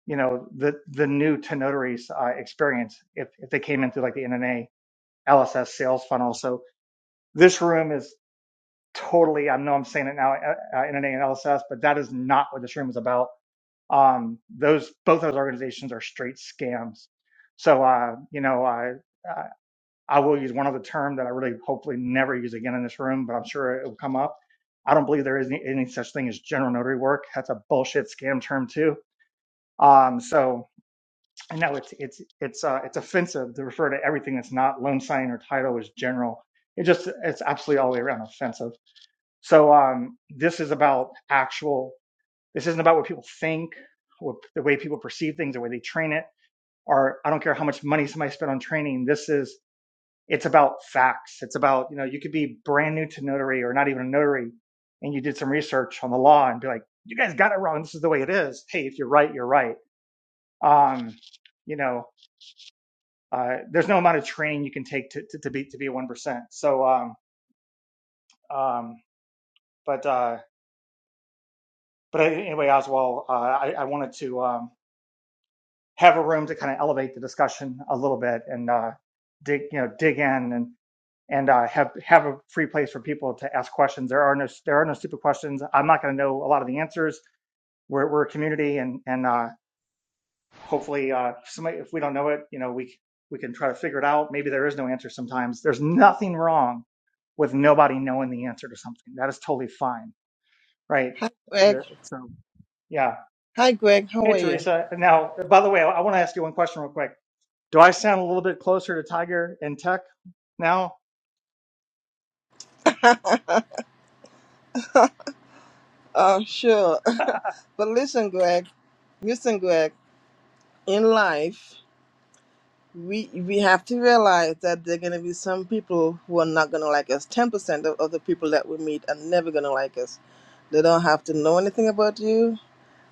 Speaker 1: you know, the the new to notaries uh, experience if if they came in through like the NNA LSS sales funnel. So this room is totally. I know I'm saying it now, uh, uh, NNA and LSS, but that is not what this room is about. Um, those both those organizations are straight scams. So uh, you know, uh, uh, I will use one other term that I really hopefully never use again in this room, but I'm sure it will come up. I don't believe there is any, any such thing as general notary work. That's a bullshit scam term too. Um, so I know it's it's it's uh, it's offensive to refer to everything that's not loan sign or title as general. It just it's absolutely all the way around offensive. So um, this is about actual. This isn't about what people think, what, the way people perceive things, the way they train it, or I don't care how much money somebody spent on training. This is it's about facts. It's about, you know, you could be brand new to notary or not even a notary and you did some research on the law and be like, you guys got it wrong. This is the way it is. Hey, if you're right, you're right. Um, you know, uh, there's no amount of training you can take to, to, to be, to be a 1%. So, um, um, but, uh, but anyway, Oswald, uh, I, I wanted to, um, have a room to kind of elevate the discussion a little bit and, uh, dig, you know, dig in and. and uh, have have a free place for people to ask questions. There are no there are no stupid questions. I'm not going to know a lot of the answers. We're we're a community, and and uh, hopefully uh, somebody if we don't know it, you know we we can try to figure it out. Maybe there is no answer sometimes. There's nothing wrong with nobody knowing the answer to something. That is totally fine, right?
Speaker 7: Hi, Greg.
Speaker 1: There, so yeah.
Speaker 7: Hi, Greg. How
Speaker 1: Hey
Speaker 7: are you?
Speaker 1: Teresa. Now, by the way, I, I want to ask you one question real quick. Do I sound a little bit closer to Tiger in Tech now?
Speaker 7: Uh, sure. [LAUGHS] but listen, Greg. Listen, Greg. In life, we we have to realize that there are going to be some people who are not going to like us. Ten percent of, of the people that we meet are never going to like us. They don't have to know anything about you.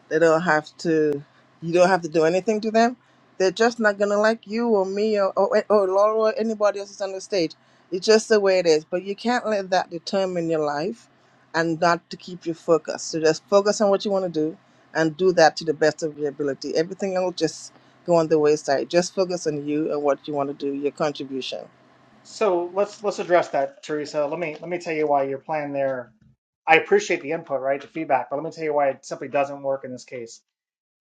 Speaker 7: They don't have to. You don't have to do anything to them. They're just not gonna like you or me or or, or Laura or anybody else that's on the stage. It's just the way it is. But you can't let that determine your life, and not to keep you focused. So just focus on what you want to do, and do that to the best of your ability. Everything else will just go on the wayside. Just focus on you and what you want to do, your contribution.
Speaker 1: So let's let's address that, Teresa. Let me let me tell you why your plan there. I appreciate the input, right, the feedback, but let me tell you why it simply doesn't work in this case.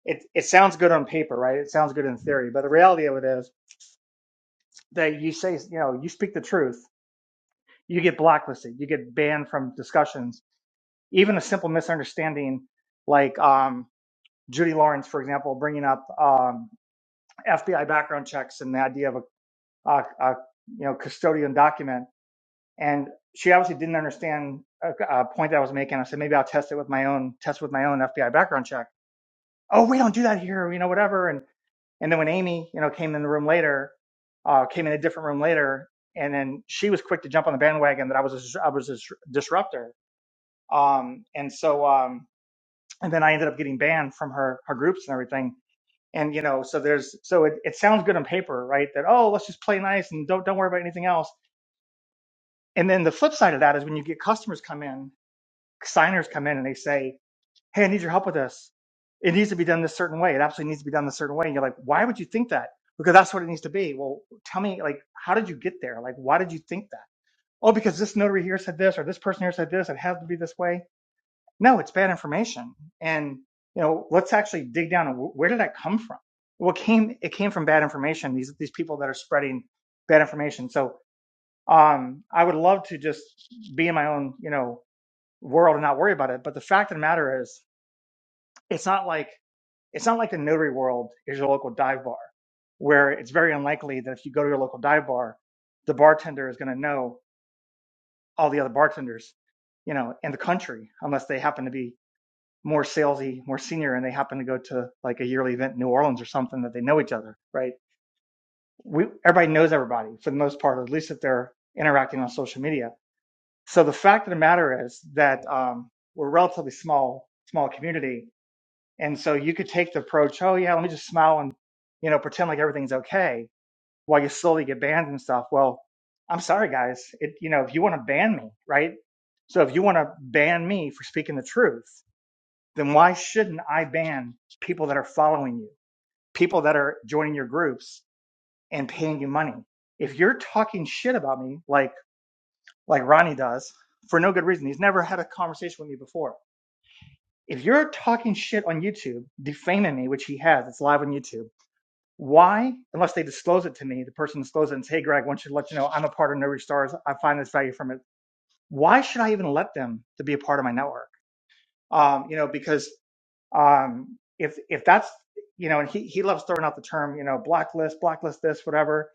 Speaker 1: It it sounds good on paper, right? It sounds good in theory, but the reality of it is that you say, you know, you speak the truth, you get blacklisted, you get banned from discussions. Even a simple misunderstanding, like um, Judy Lawrence, for example, bringing up um, FBI background checks and the idea of a, a, a you know custodian document And she obviously didn't understand a, a point that I was making. I said, maybe I'll test it with my own test with my own FBI background check. Oh, we don't do that here, you know, whatever. And and then when Amy, you know, came in the room later, uh, came in a different room later, and then she was quick to jump on the bandwagon that I was a, I was a disruptor. Um, and so um, and then I ended up getting banned from her her groups and everything. And you know, so there's so it, it sounds good on paper, right? That oh, let's just play nice and don't don't worry about anything else. And then the flip side of that is when you get customers come in signers come in and they say, Hey, I need your help with this. It needs to be done this certain way. It absolutely needs to be done this certain way. And you're like, Why would you think that? Because that's what it needs to be. Well, tell me, like, how did you get there? Like, why did you think that? Oh, because this notary here said this or this person here said this. It has to be this way. No, it's bad information. And, you know, let's actually dig down. and wh- Where did that come from? Well, it came, it came from bad information. These, these people that are spreading bad information. So, um, I would love to just be in my own, you know, world and not worry about it. But the fact of the matter is, it's not like it's not like the notary world is your local dive bar, where it's very unlikely that if you go to your local dive bar, the bartender is going to know all the other bartenders, you know, in the country, unless they happen to be more salesy, more senior, and they happen to go to like a yearly event in New Orleans or something that they know each other, right? We everybody knows everybody for the most part, or at least if they're interacting on social media. So the fact of the matter is that um, we're a relatively small small community, And so you could take the approach, oh yeah, let me just smile and you know pretend like everything's okay while you slowly get banned and stuff. Well, I'm sorry guys, it you know if you want to ban me, right? So if you want to ban me for speaking the truth, then why shouldn't I ban people that are following you, people that are joining your groups and paying you money? If you're talking shit about me like like Ronnie does for no good reason, he's never had a conversation with me before. If you're talking shit on YouTube, defaming me, which he has, it's live on YouTube Why? Unless they disclose it to me, the person discloses it and says, Hey, Greg, I want you to let you know I'm a part of No Reach Stars. I find this value from it. Why should I even let them to be a part of my network? Um, you know, because um, if if that's you know, and he he loves throwing out the term, you know, blacklist, blacklist this, whatever,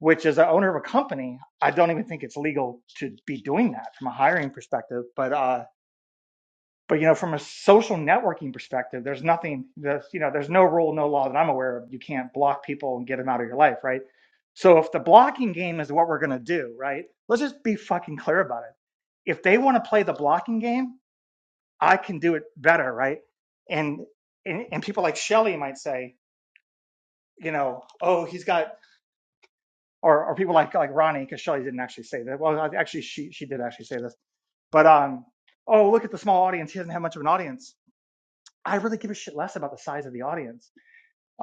Speaker 1: which is the owner of a company, I don't even think it's legal to be doing that from a hiring perspective. But uh but you know, from a social networking perspective, there's nothing that's you know, there's no rule, no law that I'm aware of. You can't block people and get them out of your life, right? So if the blocking game is what we're gonna do, right? Let's just be fucking clear about it. If they want to play the blocking game, I can do it better, right? And and, and people like Shelly might say, you know, oh, he's got, or or people like like Ronnie, because Shelly didn't actually say that. Well, actually, she she did actually say this, but um, oh, look at the small audience. He doesn't have much of an audience I really give a shit less about the size of the audience.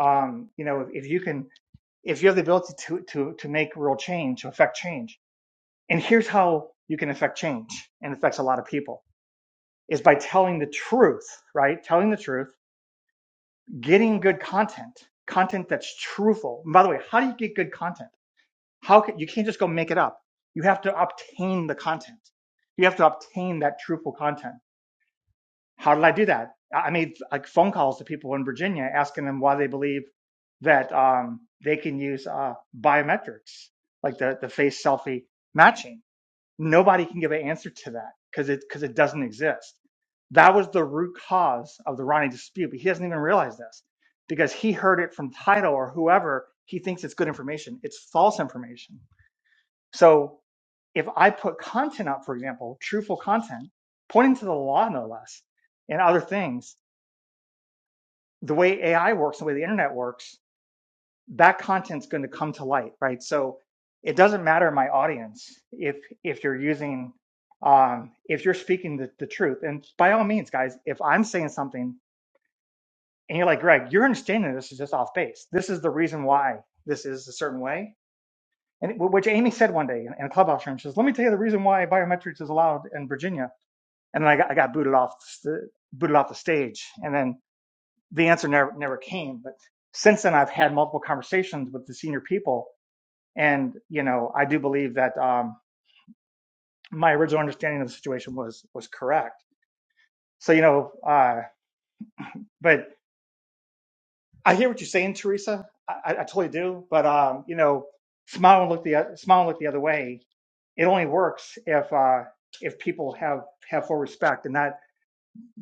Speaker 1: Um, you know, if, if you can, if you have the ability to to to make real change, to affect change, and here's how you can affect change and affects a lot of people is by telling the truth, right? Telling the truth, getting good content, content that's truthful. And by the way, how do you get good content? How can you can't just go make it up. You have to obtain the content. You have to obtain that truthful content. How did I do that? I made like phone calls to people in Virginia asking them why they believe that um, they can use uh, biometrics, like the, the face selfie matching. Nobody can give an answer to that because it because it doesn't exist. That was the root cause of the Ronnie dispute, but he doesn't even realize this because he heard it from title or whoever. He thinks it's good information. It's false information so if I put content up, for example, truthful content, pointing to the law, no less, and other things, the way AI works, the way the internet works, that content's going to come to light, right? So it doesn't matter my audience if if you're using um, if you're speaking the, the truth. And by all means, guys, if I'm saying something and you're like, Greg, your understanding of this is just off base. This is the reason why this is a certain way and it- which Amy said one day in, in a clubhouse room. She says, "Let me tell you the reason why biometrics is allowed in Virginia." And then I got, I got booted off the, booted off the stage, and then the answer never never came. But since then, I've had multiple conversations with the senior people, and you know, I do believe that um, my original understanding of the situation was was correct. So you know, uh, but I hear what you're saying, Teresa. I, I I totally do. But um, you know, smile and look the o- smile and look the other way it only works if uh, if people have have full respect, and that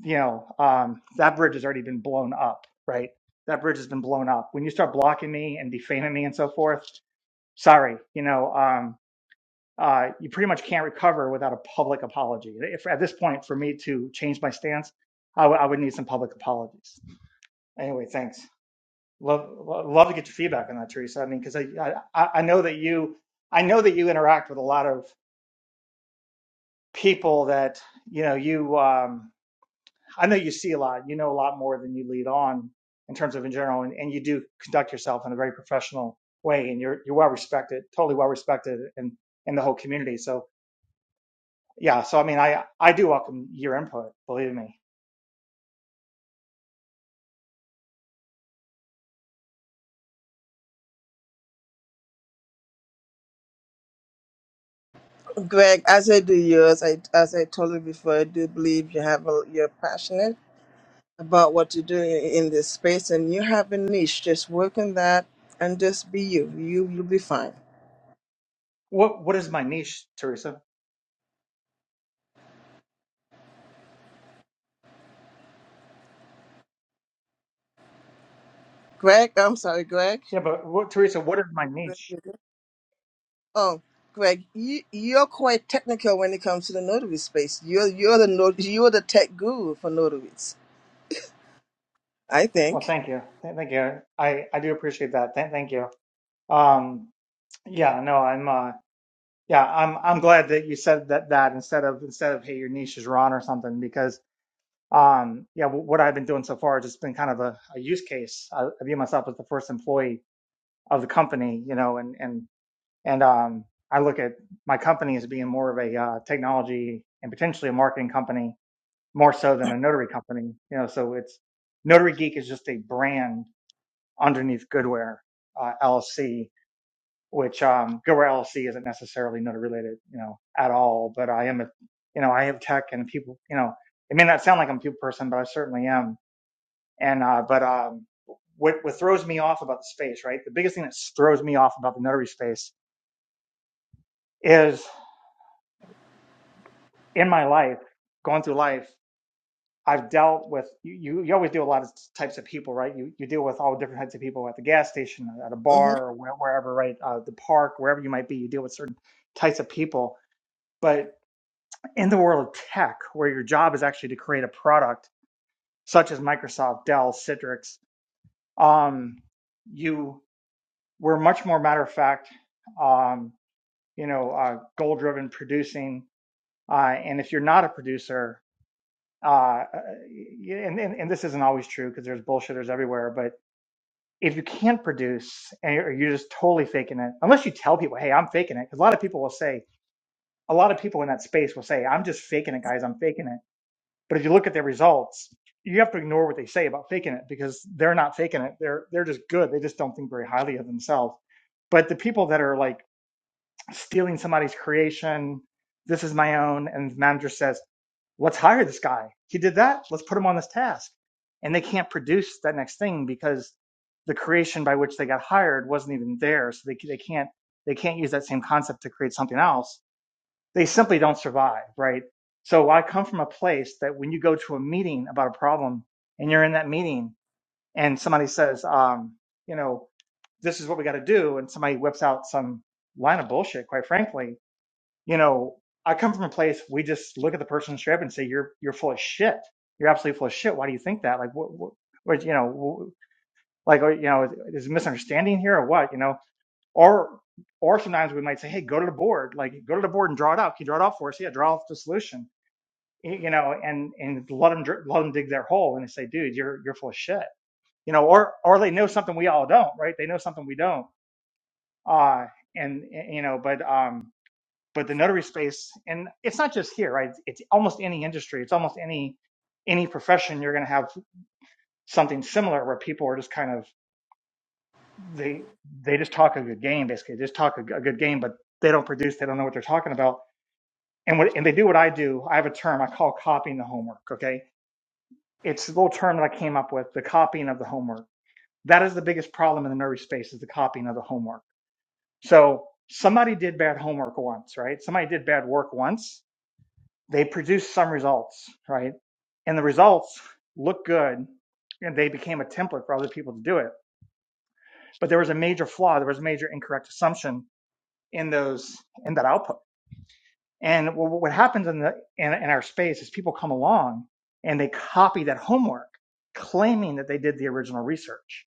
Speaker 1: you know um, that bridge has already been blown up, right? That bridge has been blown up. When you start blocking me and defaming me and so forth, sorry, you know, um, uh, you pretty much can't recover without a public apology. If at this point for me to change my stance, I would would need some public apologies. Anyway, thanks. Love love to get your feedback on that, Teresa. I mean, because I, I I know that you I know that you interact with a lot of people that you know you um, i know you see a lot you know a lot more than you lead on in terms of in general and, and you do conduct yourself in a very professional way and you're you're well respected totally well respected in in the whole community so yeah so i mean i i do welcome your input believe me
Speaker 7: Greg, as I do yours, I, as I told you before, I do believe you have a, you're passionate about what to do in this space and you have a niche just work on that and just be you you you'll be fine
Speaker 1: what what is my niche teresa
Speaker 7: greg i'm sorry greg
Speaker 1: yeah but what teresa what is my
Speaker 7: Greg,
Speaker 1: niche
Speaker 7: you there? oh greg you, you're quite technical when it comes to the notary space you're you're the not- you're the tech guru for notaries i
Speaker 1: well
Speaker 7: think
Speaker 1: thank you thank you i i do appreciate that Thank thank you um yeah no i'm uh Yeah, I'm I'm glad that you said that that instead of instead of hey your niche is wrong or something because um yeah wh- what I've been doing so far is it has been kind of a, a use case. I, I view myself as the first employee of the company, you know, and and and um I look at my company as being more of a uh, technology and potentially a marketing company more so than a notary company, you know. So it's Notary Geek is just a brand underneath Goodware uh, LLC, which um, GoRLC isn't necessarily NOTA related, you know, at all. But I am a, you know, I have tech and people, you know, it may not sound like I'm a people person, but I certainly am. And uh, but um, what what throws me off about the space, right? The biggest thing that throws me off about the notary space is in my life, going through life, I've dealt with you. You, you always deal with a lot of types of people, right? You you deal with all different types of people at the gas station, at a bar, or where, wherever, right? Uh, the park, wherever you might be, you deal with certain types of people. But in the world of tech, where your job is actually to create a product such as Microsoft, Dell, Citrix, um, you were much more matter of fact, um, you know, uh, goal driven producing. Uh, and if you're not a producer, uh, uh, and, and, and this isn't always true because there's bullshitters everywhere, but if you can't produce and you're you're just totally faking it, unless you tell people, hey, I'm faking it, because a lot of people will say, a lot of people in that space will say, I'm just faking it, guys, I'm faking it But if you look at their results, you have to ignore what they say about faking it because they're not faking it. They're they're just good. They just don't think very highly of themselves. But the people that are like stealing somebody's creation, this is my own, and the manager says, "Let's hire this guy. He did that. Let's put him on this task." And they can't produce that next thing because the creation by which they got hired wasn't even there, so they they can't they can't use that same concept to create something else they simply don't survive, right? So I come from a place that when you go to a meeting about a problem and you're in that meeting and somebody says, um, you know, this is what we got to do, and somebody whips out some line of bullshit, quite frankly, you know, I come from a place we just look at the person straight up and say, you're you're full of shit. You're absolutely full of shit. Why do you think that? Like, what, what, what you know, like, you know, is, is a misunderstanding here or what? You know, or or sometimes we might say, hey, go to the board, like go to the board and draw it out. Can you draw it out for us? Yeah, draw off the solution. Y- You know, and and let them let them dig their hole and they say, dude, you're you're full of shit. You know, or or they know something we all don't, right? They know something we don't. Uh and, you know, but um, but the notary space, and it's not just here, right? It's almost any industry. It's almost any any profession. You're going to have something similar where people are just kind of they they just talk a good game basically they just talk a a good game but they don't produce they don't know what they're talking about and what and they do what i do i have a term i call copying the homework okay it's a little term that i came up with the copying of the homework that is the biggest problem in the nerdy space is the copying of the homework so somebody did bad homework once right somebody did bad work once they produced some results right and the results look good and they became a template for other people to do it but there was a major flaw there was a major incorrect assumption in those in that output. And what, what happens in the in, in our space is people come along and they copy that homework, claiming that they did the original research.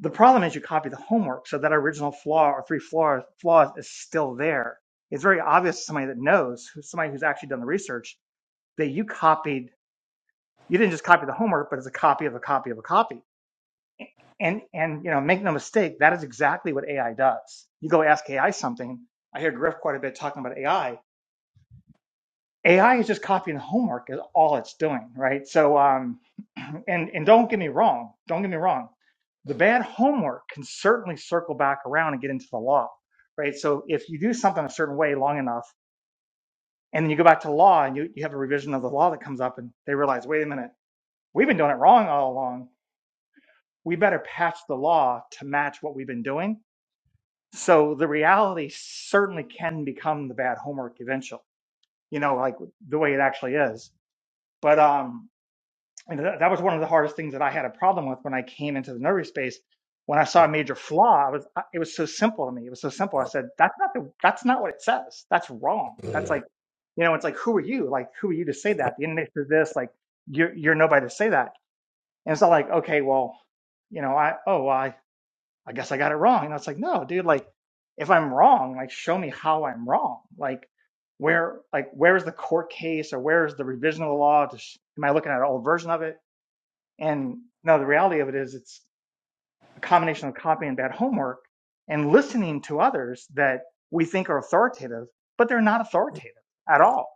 Speaker 1: The problem is you copy the homework, so that original flaw or three flaws flaws is still there. It's very obvious to somebody that knows, who's somebody who's actually done the research, that you copied. You didn't just copy the homework, but it's a copy of a copy of a copy. And and you know, make no mistake, that is exactly what AI does. You go ask AI something. I hear Griff quite a bit talking about AI AI is just copying homework is all it's doing, right? So, um, [CLEARS THROAT] and and don't get me wrong, don't get me wrong. The bad homework can certainly circle back around and get into the law, right? So if you do something a certain way long enough, and then you go back to law and you, you have a revision of the law that comes up, and they realize, wait a minute, we've been doing it wrong all along. We better patch the law to match what we've been doing. So the reality certainly can become the bad homework eventually, you know, like the way it actually is. But um, and that, that was one of the hardest things that I had a problem with when I came into the notary space. When I saw a major flaw, I was it was so simple to me. It was so simple. I said, "That's not the. That's not what it says. That's wrong. That's like, you know, it's like who are you? Like who are you to say that? The internet says this. Like you're you're nobody to say that." And it's not like, okay, well, you know, I oh well, I I guess I got it wrong. And it's like, no, dude, like if I'm wrong, like show me how I'm wrong. Like where like where is the court case or where is the revision of the law? Just, am I looking at an old version of it? And no, the reality of it is it's a combination of copying bad homework and listening to others that we think are authoritative, but they're not authoritative at all.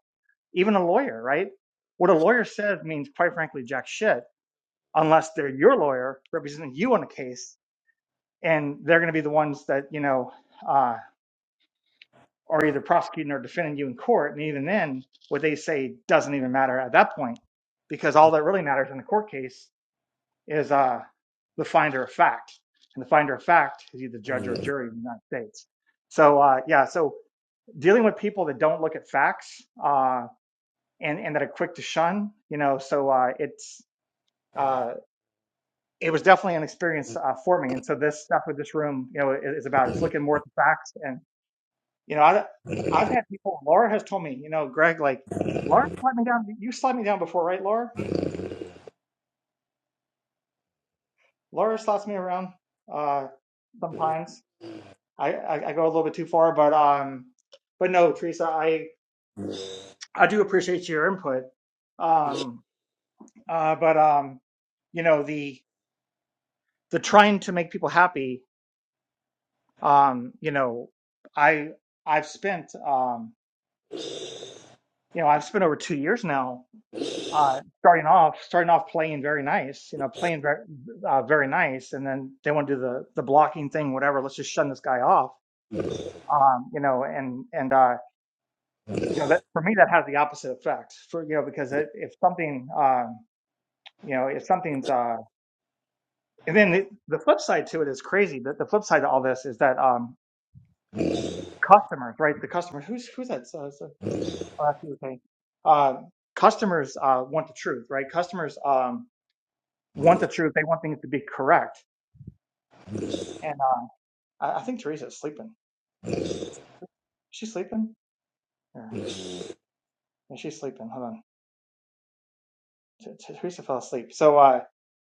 Speaker 1: Even a lawyer, right? What a lawyer says means, quite frankly, jack shit, unless they're your lawyer representing you on a case, and they're going to be the ones that you know uh, are either prosecuting or defending you in court. And even then, what they say doesn't even matter at that point, because all that really matters in a court case is uh, the finder of fact, and the finder of fact is either judge
Speaker 7: mm-hmm.
Speaker 1: or jury in the United States. So uh, yeah, so dealing with people that don't look at facts uh, and and that are quick to shun, you know, so uh, it's uh, it was definitely an experience uh, for me. And so this stuff with this room, you know, is, is about it's looking more at the facts. And you know, I, I've had people. Laura has told me, you know, Greg, like Laura slapped me down. You slapped me down before, right, Laura? Laura slaps me around uh, sometimes I, I, I go a little bit too far, but um, but no, Teresa, I I do appreciate your input. Um, uh, but um, you know the the trying to make people happy. Um, you know, I I've spent um, you know, I've spent over two years now. Uh, starting off, starting off playing very nice, you know, playing very, uh, very nice, and then they want to do the the blocking thing, whatever. Let's just shun this guy off, um, you know, and and uh, you know that for me that has the opposite effect for you know because it, if something um you know if something's uh and then the, the flip side to it is crazy the, the flip side to all this is that um customers right the customers who's who's that so, so, oh, that's you, okay. uh, customers uh want the truth right customers um want the truth they want things to be correct and uh i, I think teresa's sleeping Is she sleeping yeah yeah, she's sleeping hold on T- teresa fell asleep so uh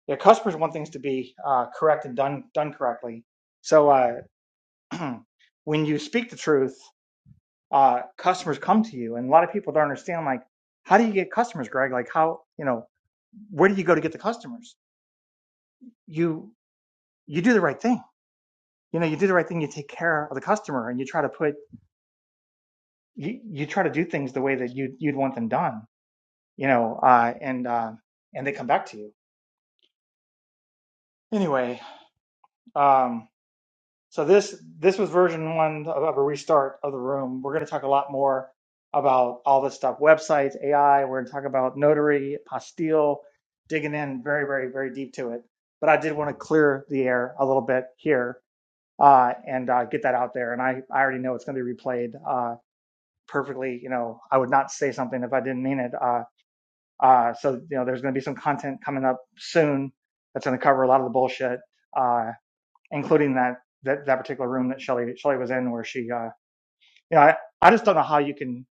Speaker 1: yeah, customers want things to be uh, correct and done done correctly. So uh, [CLEARS THROAT] when you speak the truth, uh, customers come to you, and a lot of people don't understand. Like, how do you get customers, Greg? Like, how you know where do you go to get the customers? You you do the right thing. You know, you do the right thing. You take care of the customer, and you try to put you, you try to do things the way that you you'd want them done. You know, uh, and uh, and they come back to you anyway. Um, So this this was version one of, of a restart of the room. We're going to talk a lot more about all this stuff: websites, AI. We're going to talk about notary, Pastille, digging in very, very, very deep to it. But I did want to clear the air a little bit here uh, and uh, get that out there. And I I already know it's going to be replayed uh, perfectly. You know, I would not say something if I didn't mean it. Uh, uh, so you know, there's going to be some content coming up soon that's going to cover a lot of the bullshit. Uh, including that that, that particular room that Shelley Shelley was in where she uh yeah I, I just don't know how you can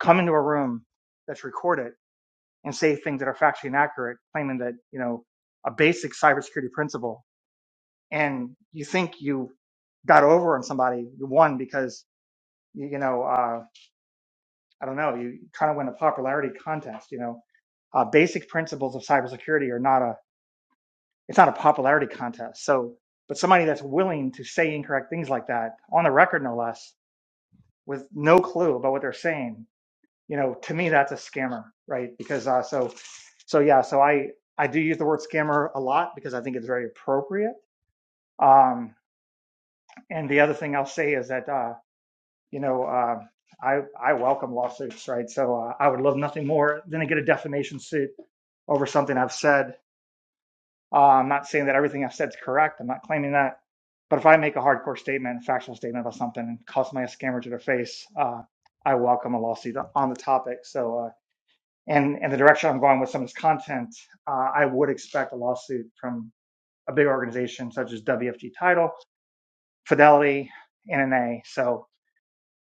Speaker 1: come into a room that's recorded and say things that are factually inaccurate claiming that you know a basic cybersecurity principle and you think you got over on somebody you won because you, you know uh I don't know you trying to win a popularity contest you know uh, basic principles of cybersecurity are not a it's not a popularity contest so but somebody that's willing to say incorrect things like that on the record no less with no clue about what they're saying, you know, to me that's a scammer, right? Because uh, so so yeah, so I I do use the word scammer a lot because I think it's very appropriate. Um, and the other thing I'll say is that uh, you know uh, I I welcome lawsuits, right? So uh, I would love nothing more than to get a defamation suit over something I've said Uh, I'm not saying that everything I've said is correct. I'm not claiming that. But if I make a hardcore statement, a factual statement about something and call somebody a scammer to their face, uh, I welcome a lawsuit on the topic. So, uh, and, and the direction I'm going with some of this content, uh, I would expect a lawsuit from a big organization such as WFG Title, Fidelity, NNA. So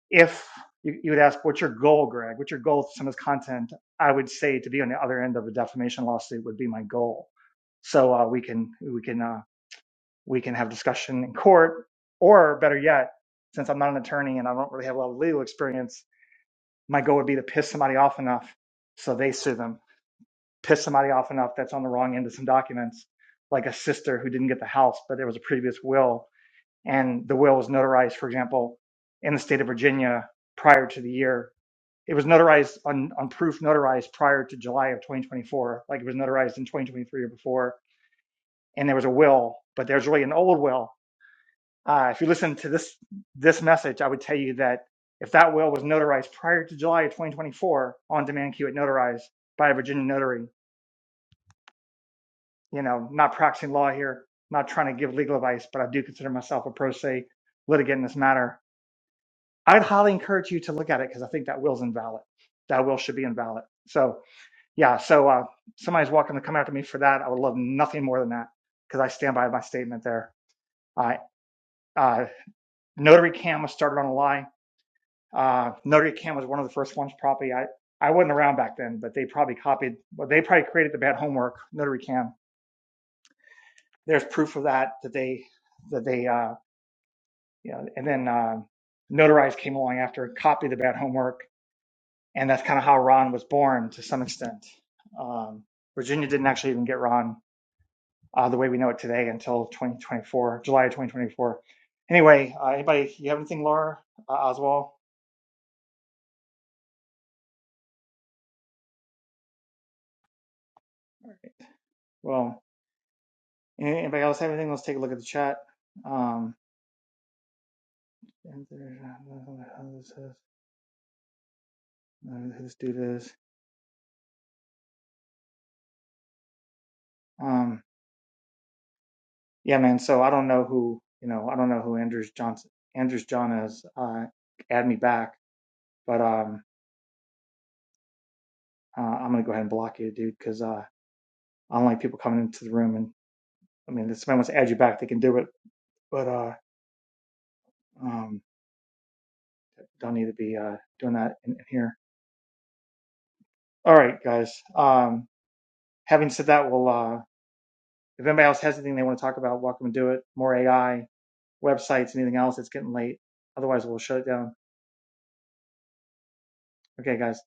Speaker 1: if you, you would ask, what's your goal, Greg? What's your goal with some of this content? I would say to be on the other end of a defamation lawsuit would be my goal so uh, we can we can uh, we can have discussion in court, or better yet, since I'm not an attorney and I don't really have a lot of legal experience, my goal would be to piss somebody off enough so they sue them, piss somebody off enough that's on the wrong end of some documents, like a sister who didn't get the house, but there was a previous will, and the will was notarized, for example, in the state of Virginia prior to the year. It was notarized on, on proof notarized prior to July of 2024, like it was notarized in 2023 or before. And there was a will, but there's really an old will Uh, if you listen to this this message, I would tell you that if that will was notarized prior to July of 2024 on demand queue at notarized by a Virginia notary, you know, not practicing law here, not trying to give legal advice, but I do consider myself a pro se litigant in this matter. I'd highly encourage you to look at it because I think that will's invalid. That will should be invalid. So yeah, so uh, somebody's welcome to come after me for that. I would love nothing more than that because I stand by my statement there. I uh, notary cam was started on a lie. Uh, Notre Dame was one of the first ones, probably. I, I wasn't around back then, but they probably copied. Well, they probably created the bad homework. Notre Dame. There's proof of that that they that they uh, you know, and then uh, Notarize came along after, copied the bad homework, and that's kind of how Ron was born to some extent. Um, Virginia didn't actually even get Ron uh, the way we know it today until 2024, July 2024. Anyway, uh, anybody, you have anything, Laura uh, Oswald? Well, anybody else have anything? Let's take a look at the chat. Um, Who's do this? Um, yeah, man. So I don't know who you know. I don't know who Andrews Johnson, Andrews John is. Uh, add me back, but um, uh, I'm gonna go ahead and block you, dude, because uh, I don't like people coming into the room. And I mean, if somebody wants to add you back, they can do it, but uh, um, don't need to be uh doing that in, in here. All right, guys. Um, having said that, we'll uh, if anybody else has anything they want to talk about, welcome to do it. More AI. websites, anything else. It's getting late. Otherwise, we'll shut it down. Okay, guys.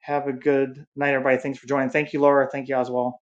Speaker 1: Have a good night, everybody. Thanks for joining. Thank you, Laura. Thank you, Oswald.